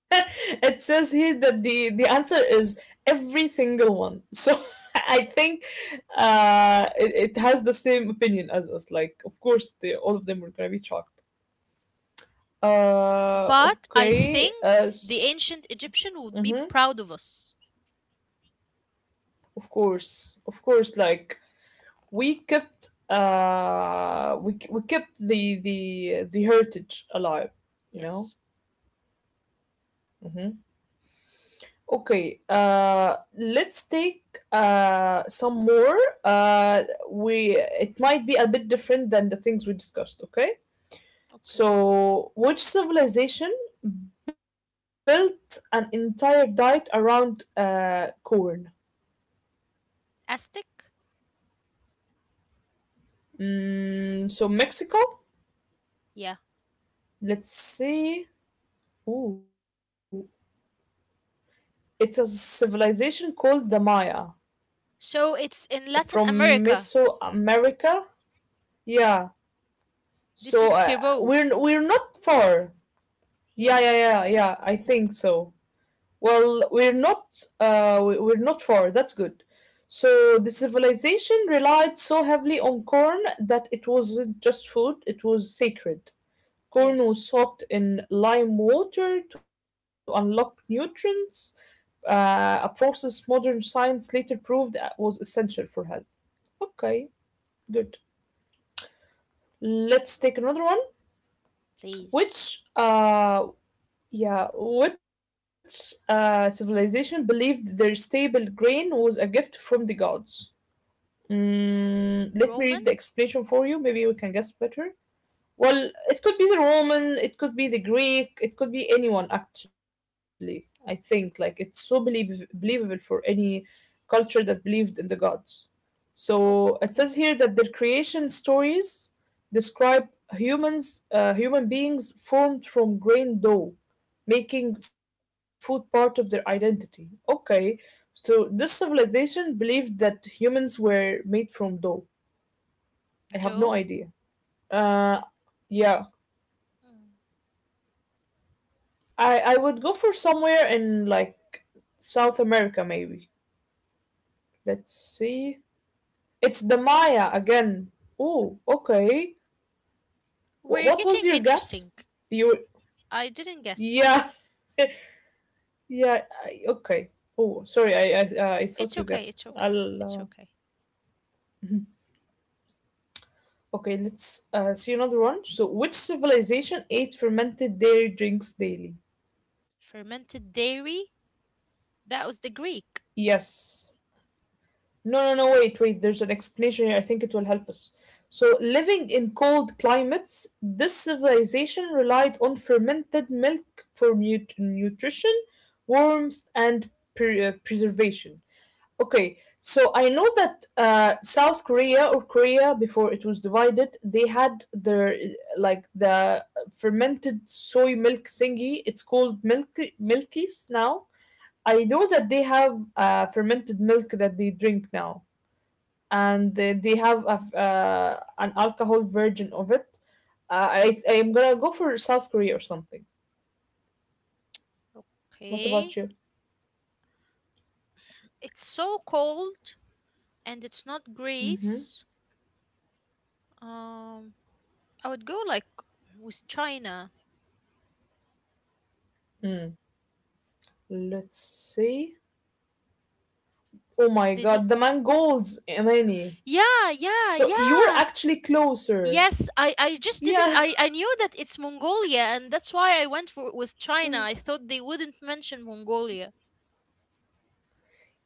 Speaker 1: It says here that the answer is every single one. So I think it has the same opinion as us. Like, of course, all of them were gonna be shocked.
Speaker 2: But I
Speaker 1: Okay.
Speaker 2: think the ancient Egyptian would be
Speaker 1: Mm,
Speaker 2: proud of us.
Speaker 1: of course, of course. Like, we kept we kept the the the heritage alive. You know.
Speaker 2: Yes.
Speaker 1: Mm-hmm. Okay, let's take some more. Uh, we it might be a bit different than the things we discussed. Okay,
Speaker 2: Okay.
Speaker 1: so which civilization built an entire diet around corn?
Speaker 2: Aztec?
Speaker 1: Mm, so Mexico.
Speaker 2: Yeah.
Speaker 1: Let's see. Ooh, it's a civilization called the Maya
Speaker 2: So it's in Latin
Speaker 1: from
Speaker 2: America.
Speaker 1: Mesoamerica. Yeah.
Speaker 2: This
Speaker 1: So
Speaker 2: is Peru.
Speaker 1: we're not far. Yeah,
Speaker 2: Yeah.
Speaker 1: yeah, yeah, yeah. I think so. Well, we're not we're not far. That's good. So the civilization relied so heavily on corn that it wasn't just food, it was sacred. Corn
Speaker 2: Yes.
Speaker 1: was soaked in lime water to unlock nutrients, a process modern science later proved was essential for health. Okay, good. Let's take another one. Which
Speaker 2: Please.
Speaker 1: Yeah, which civilization believed their stable grain was a gift from the gods? Mm, let me read the
Speaker 2: Roman?
Speaker 1: explanation for you. Maybe we can guess better. Well, it could be the Roman, it could be the Greek, it could be anyone actually. I think like it's so believable for any culture that believed in the gods. So it says here
Speaker 2: Okay.
Speaker 1: that their creation stories describe humans, human beings formed from grain dough, making food part of their identity. Okay, so this civilization believed that humans were made from dough. I have no
Speaker 2: Joe,
Speaker 1: idea. Uh, yeah, I would go for somewhere in like South America maybe. Let's see. It's the Maya again. Oh, okay. Wh-
Speaker 2: we're
Speaker 1: what was
Speaker 2: getting
Speaker 1: your guess?
Speaker 2: interesting.
Speaker 1: You
Speaker 2: I didn't guess.
Speaker 1: yeah. Yeah, I, okay. Oh, sorry. I thought
Speaker 2: It's
Speaker 1: you
Speaker 2: okay,
Speaker 1: guessed.
Speaker 2: it's okay,
Speaker 1: I'll
Speaker 2: it's okay.
Speaker 1: okay. Let's see another one. So, which civilization ate fermented dairy drinks daily?
Speaker 2: Fermented dairy? That was the Greek.
Speaker 1: Yes. No, no, no. Wait, wait. There's an explanation here. I think it will help us. So, living in cold climates, this civilization relied on fermented milk for nutrition, warmth, and preservation. Okay, so I know that South Korea or Korea before it was divided, they had their like the fermented soy milk thingy. It's called milk milkies now. I know that they have fermented milk that they drink now, and they have a, an alcohol version of it. I am gonna go for South Korea or something. What
Speaker 2: Okay.
Speaker 1: about you?
Speaker 2: It's so cold and it's not Greece. Um, I would go like with China.
Speaker 1: Hmm. Let's see. Oh my
Speaker 2: Did you?
Speaker 1: God, the mangolds, Imani.
Speaker 2: Yeah, yeah,
Speaker 1: So you're
Speaker 2: yeah.
Speaker 1: actually closer.
Speaker 2: Yes, I just didn't
Speaker 1: Yeah.
Speaker 2: I knew that it's Mongolia and that's why I went for with China. I thought they wouldn't mention Mongolia.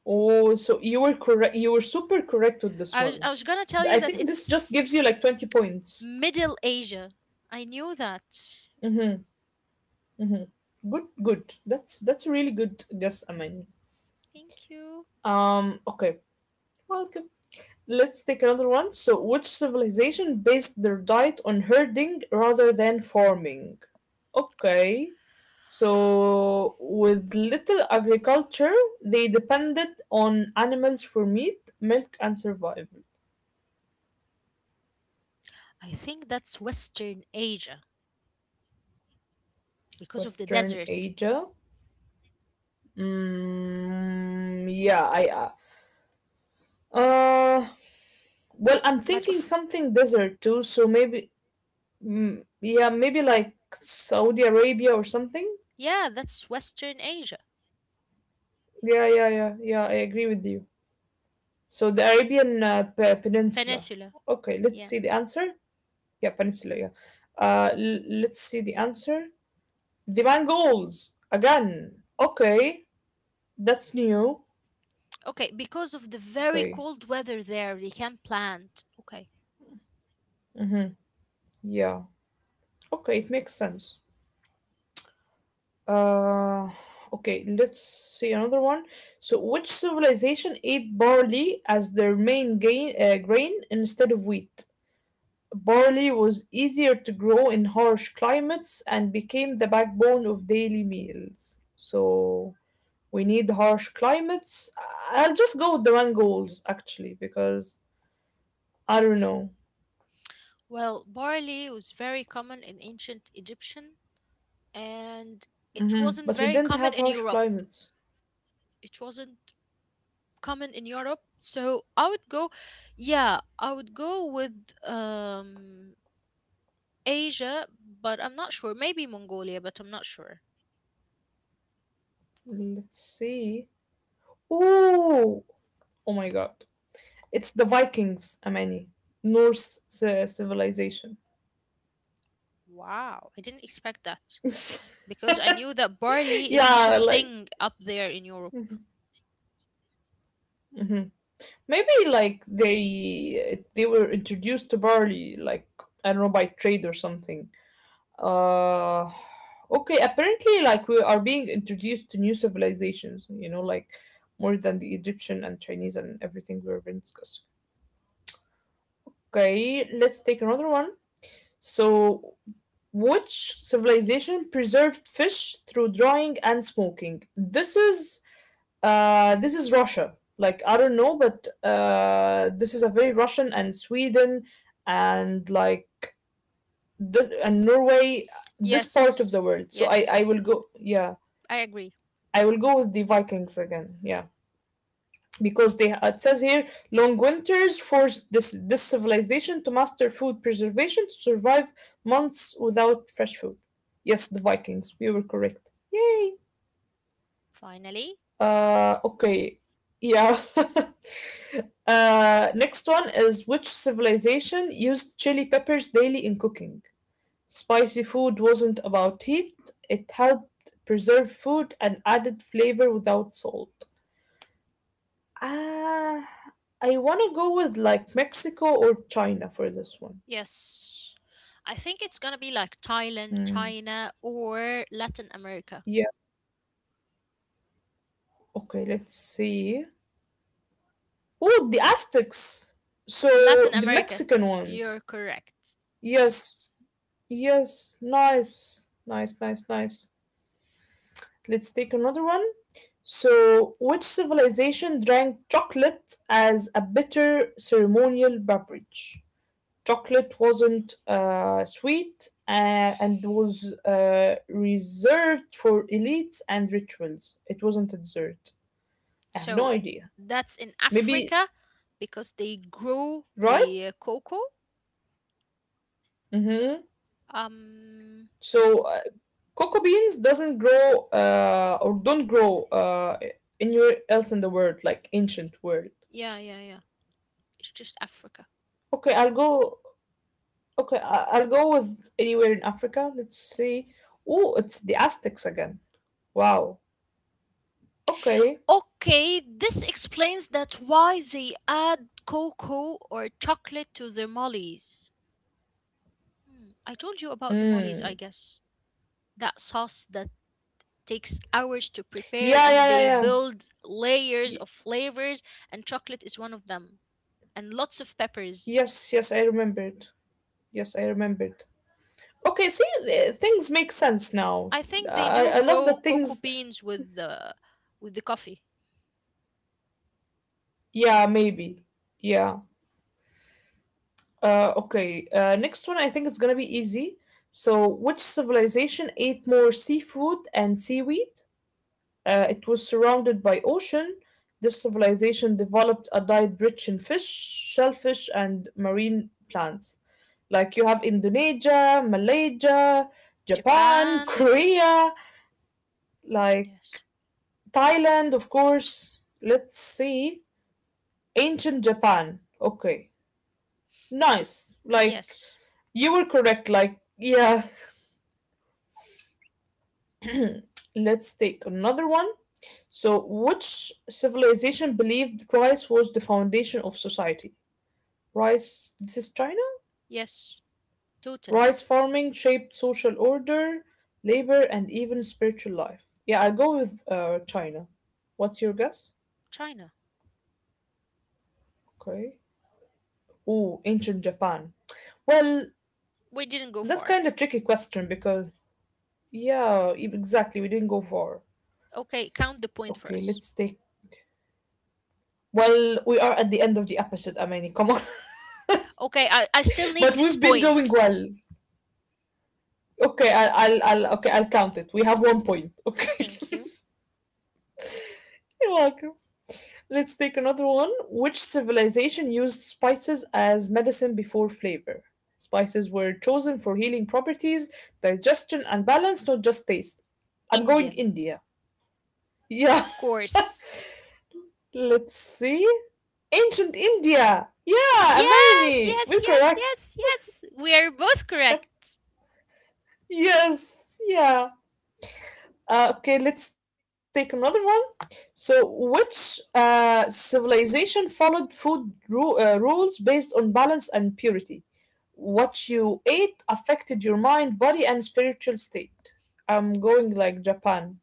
Speaker 1: Oh, so you were correct. You were super correct with this
Speaker 2: I was
Speaker 1: one.
Speaker 2: I was gonna tell you
Speaker 1: I
Speaker 2: that
Speaker 1: think this
Speaker 2: it's
Speaker 1: just gives you like 20 points.
Speaker 2: Middle Asia. I knew that.
Speaker 1: Good, good. That's a really good guess, Amani.
Speaker 2: Thank you.
Speaker 1: Okay. Welcome. Let's take another one. So, which civilization based their diet on herding rather than farming? Okay. So, with little agriculture, they depended on animals for meat, milk, and survival.
Speaker 2: I think that's Western Asia because of the
Speaker 1: Western
Speaker 2: desert.
Speaker 1: Asia. Yeah, I uh well, I'm
Speaker 2: But
Speaker 1: thinking
Speaker 2: of,
Speaker 1: something desert too, so maybe mm, yeah, maybe like Saudi Arabia or something.
Speaker 2: yeah, that's Western Asia
Speaker 1: Yeah, yeah, yeah, yeah, I agree with you. So the Arabian Peninsula.
Speaker 2: peninsula.
Speaker 1: Okay, let's
Speaker 2: Yeah.
Speaker 1: see the answer. Yeah, peninsula, yeah. Let's see the answer. The Mongols again. Okay, that's new.
Speaker 2: Okay, because of the very
Speaker 1: Okay.
Speaker 2: cold weather there, they can plant. Okay.
Speaker 1: Mm-hmm, yeah. Okay, it makes sense. Uh, okay, let's see another one. So, which civilization ate barley as their main grain instead of wheat? Barley was easier to grow in harsh climates and became the backbone of daily meals. So, we need harsh climates. I'll just go with the Mongols, actually, because I don't know.
Speaker 2: Well, barley was very common in ancient Egyptian and it
Speaker 1: Mm-hmm.
Speaker 2: wasn't
Speaker 1: But we
Speaker 2: very
Speaker 1: didn't
Speaker 2: common
Speaker 1: have
Speaker 2: in
Speaker 1: harsh
Speaker 2: Europe.
Speaker 1: climates.
Speaker 2: It wasn't common in Europe, so I would go, yeah, I would go with um Asia, but I'm not sure. Maybe Mongolia, but I'm not sure.
Speaker 1: Let's see. Oh, oh my God. It's the Vikings, Amani. Norse civilization.
Speaker 2: Wow, I didn't expect that because I knew that barley is not a
Speaker 1: Yeah, like
Speaker 2: thing up there in
Speaker 1: mhm,
Speaker 2: Europe.
Speaker 1: mhm. Maybe like they were introduced to barley like I don't know by trade or something. Uh okay, apparently like we are being introduced to new civilizations, you know, like more than the Egyptian and Chinese and everything we've been discussing. Okay, let's take another one. So which civilization preserved fish through drying and smoking? This is Russia. Like I don't know, but this is a very Russian and Sweden and like this, and Norway. This part of
Speaker 2: Yes,
Speaker 1: the world. So I
Speaker 2: yes,
Speaker 1: will go. Yeah,
Speaker 2: I agree.
Speaker 1: I will go with the Vikings again. Yeah. Because they it says here long winters forced this civilization to master food preservation to survive months without fresh food. Yes, the Vikings. We were correct. Yay.
Speaker 2: Finally,
Speaker 1: Okay. Yeah. Next one is which civilization used chili peppers daily in cooking? Spicy food wasn't about heat. It helped preserve food and added flavor without salt. Uh, I want to go with like Mexico or China for this one.
Speaker 2: yes. I think it's gonna be like Thailand,
Speaker 1: Hmm.
Speaker 2: China, or Latin America.
Speaker 1: Yeah. Okay, let's see. Oh, the Aztecs. So
Speaker 2: Latin
Speaker 1: the
Speaker 2: America.
Speaker 1: Mexican
Speaker 2: You're
Speaker 1: ones.
Speaker 2: correct.
Speaker 1: Yes. Yes. Nice. Nice, nice, nice. Let's take another one. So, which civilization drank chocolate as a bitter ceremonial beverage? Chocolate wasn't sweet and was reserved for elites and rituals. It wasn't a dessert. I have no
Speaker 2: So
Speaker 1: idea.
Speaker 2: that's in
Speaker 1: Maybe
Speaker 2: Africa because they grow
Speaker 1: right?
Speaker 2: the cocoa.
Speaker 1: Mm-hmm.
Speaker 2: Um
Speaker 1: So cocoa beans doesn't grow or don't grow anywhere else in the world, like ancient world.
Speaker 2: yeah, yeah, yeah. It's just Africa.
Speaker 1: Okay, I'll go. Okay, I'll go with anywhere in Africa. Let's see. Oh, it's the Aztecs again. Wow. Okay.
Speaker 2: Okay, this explains that why they add cocoa or chocolate to their mollies. Hmm, I told you about the mollies, I
Speaker 1: Mm.
Speaker 2: guess. That sauce that takes hours to prepare
Speaker 1: Yeah, yeah,
Speaker 2: and
Speaker 1: yeah,
Speaker 2: they
Speaker 1: yeah.
Speaker 2: build layers
Speaker 1: Y-
Speaker 2: of flavors, and chocolate is one of them, and lots of peppers.
Speaker 1: yes, yes, I remembered. Yes, I remembered. Okay, see, things make sense now.
Speaker 2: I think they do
Speaker 1: I love the
Speaker 2: grow cocoa
Speaker 1: things.
Speaker 2: beans with the coffee.
Speaker 1: Yeah, maybe. Yeah. Okay. Next one, I think it's gonna be easy. So, which civilization ate more seafood and seaweed? It was surrounded by ocean. This civilization developed a diet rich in fish, shellfish, and marine plants. Like you have Indonesia, Malaysia, Japan,
Speaker 2: Japan,
Speaker 1: Korea. Like
Speaker 2: yes,
Speaker 1: Thailand, of course. Let's see. Ancient Japan. Okay. Nice. Like
Speaker 2: yes,
Speaker 1: you were correct. Like, yeah. Let's take another one. So, which civilization believed rice was the foundation of society? Rice, this is China?
Speaker 2: yes, totally.
Speaker 1: Rice farming shaped social order, labor, and even spiritual life. Yeah, I go with China. What's your guess?
Speaker 2: China,
Speaker 1: Okay. Ooh, ancient Japan. Well,
Speaker 2: we didn't go
Speaker 1: that's
Speaker 2: far.
Speaker 1: kind of tricky question because, yeah, exactly. We didn't go far.
Speaker 2: Okay, count the point for
Speaker 1: Okay,
Speaker 2: us.
Speaker 1: let's take. Well, we are at the end of the episode, Amani. Come on,
Speaker 2: Okay, I still
Speaker 1: but
Speaker 2: need this
Speaker 1: we've been doing
Speaker 2: point.
Speaker 1: well. Okay, I'll okay, I'll count it. We have one point. Okay,
Speaker 2: Thank you.
Speaker 1: you're welcome. Let's take another one. Which civilization used spices as medicine before flavor? Spices were chosen for healing properties, digestion, and balance, not just taste. I'm going
Speaker 2: Indian,
Speaker 1: India. Yeah,
Speaker 2: of course.
Speaker 1: let's see. Ancient India. Yeah,
Speaker 2: Yes,
Speaker 1: Amani.
Speaker 2: yes,
Speaker 1: We're
Speaker 2: yes,
Speaker 1: correct.
Speaker 2: yes, yes. We are both correct.
Speaker 1: Yes. Yeah. Okay, let's take another one. So, which civilization followed food rules based on balance and purity? What you ate affected your mind, body, and spiritual state. I'm going like Japan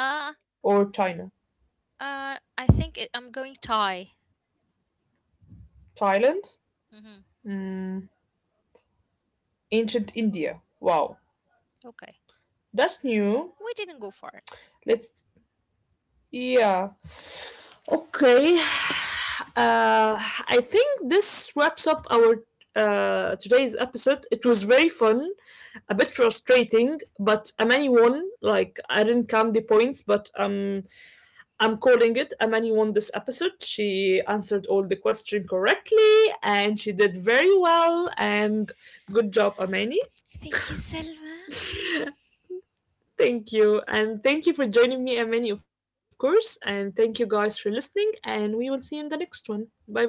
Speaker 1: or China.
Speaker 2: I think it, I'm going Thai.
Speaker 1: Thailand?
Speaker 2: Mm-hmm.
Speaker 1: Mm, ancient India. Wow.
Speaker 2: Okay.
Speaker 1: That's new.
Speaker 2: We didn't go far.
Speaker 1: Let's. Yeah. Okay. Uh, I think this wraps up our today's episode. It was very fun, a bit frustrating, but Amani won. Like I didn't count the points, but I'm calling it. Amani won this episode. She answered all the question correctly, and she did very well. And good job, Amani.
Speaker 2: Thank you, Selma.
Speaker 1: Thank you, and thank you for joining me, Amani, of course. And thank you guys for listening. And we will see you in the next one. Bye bye.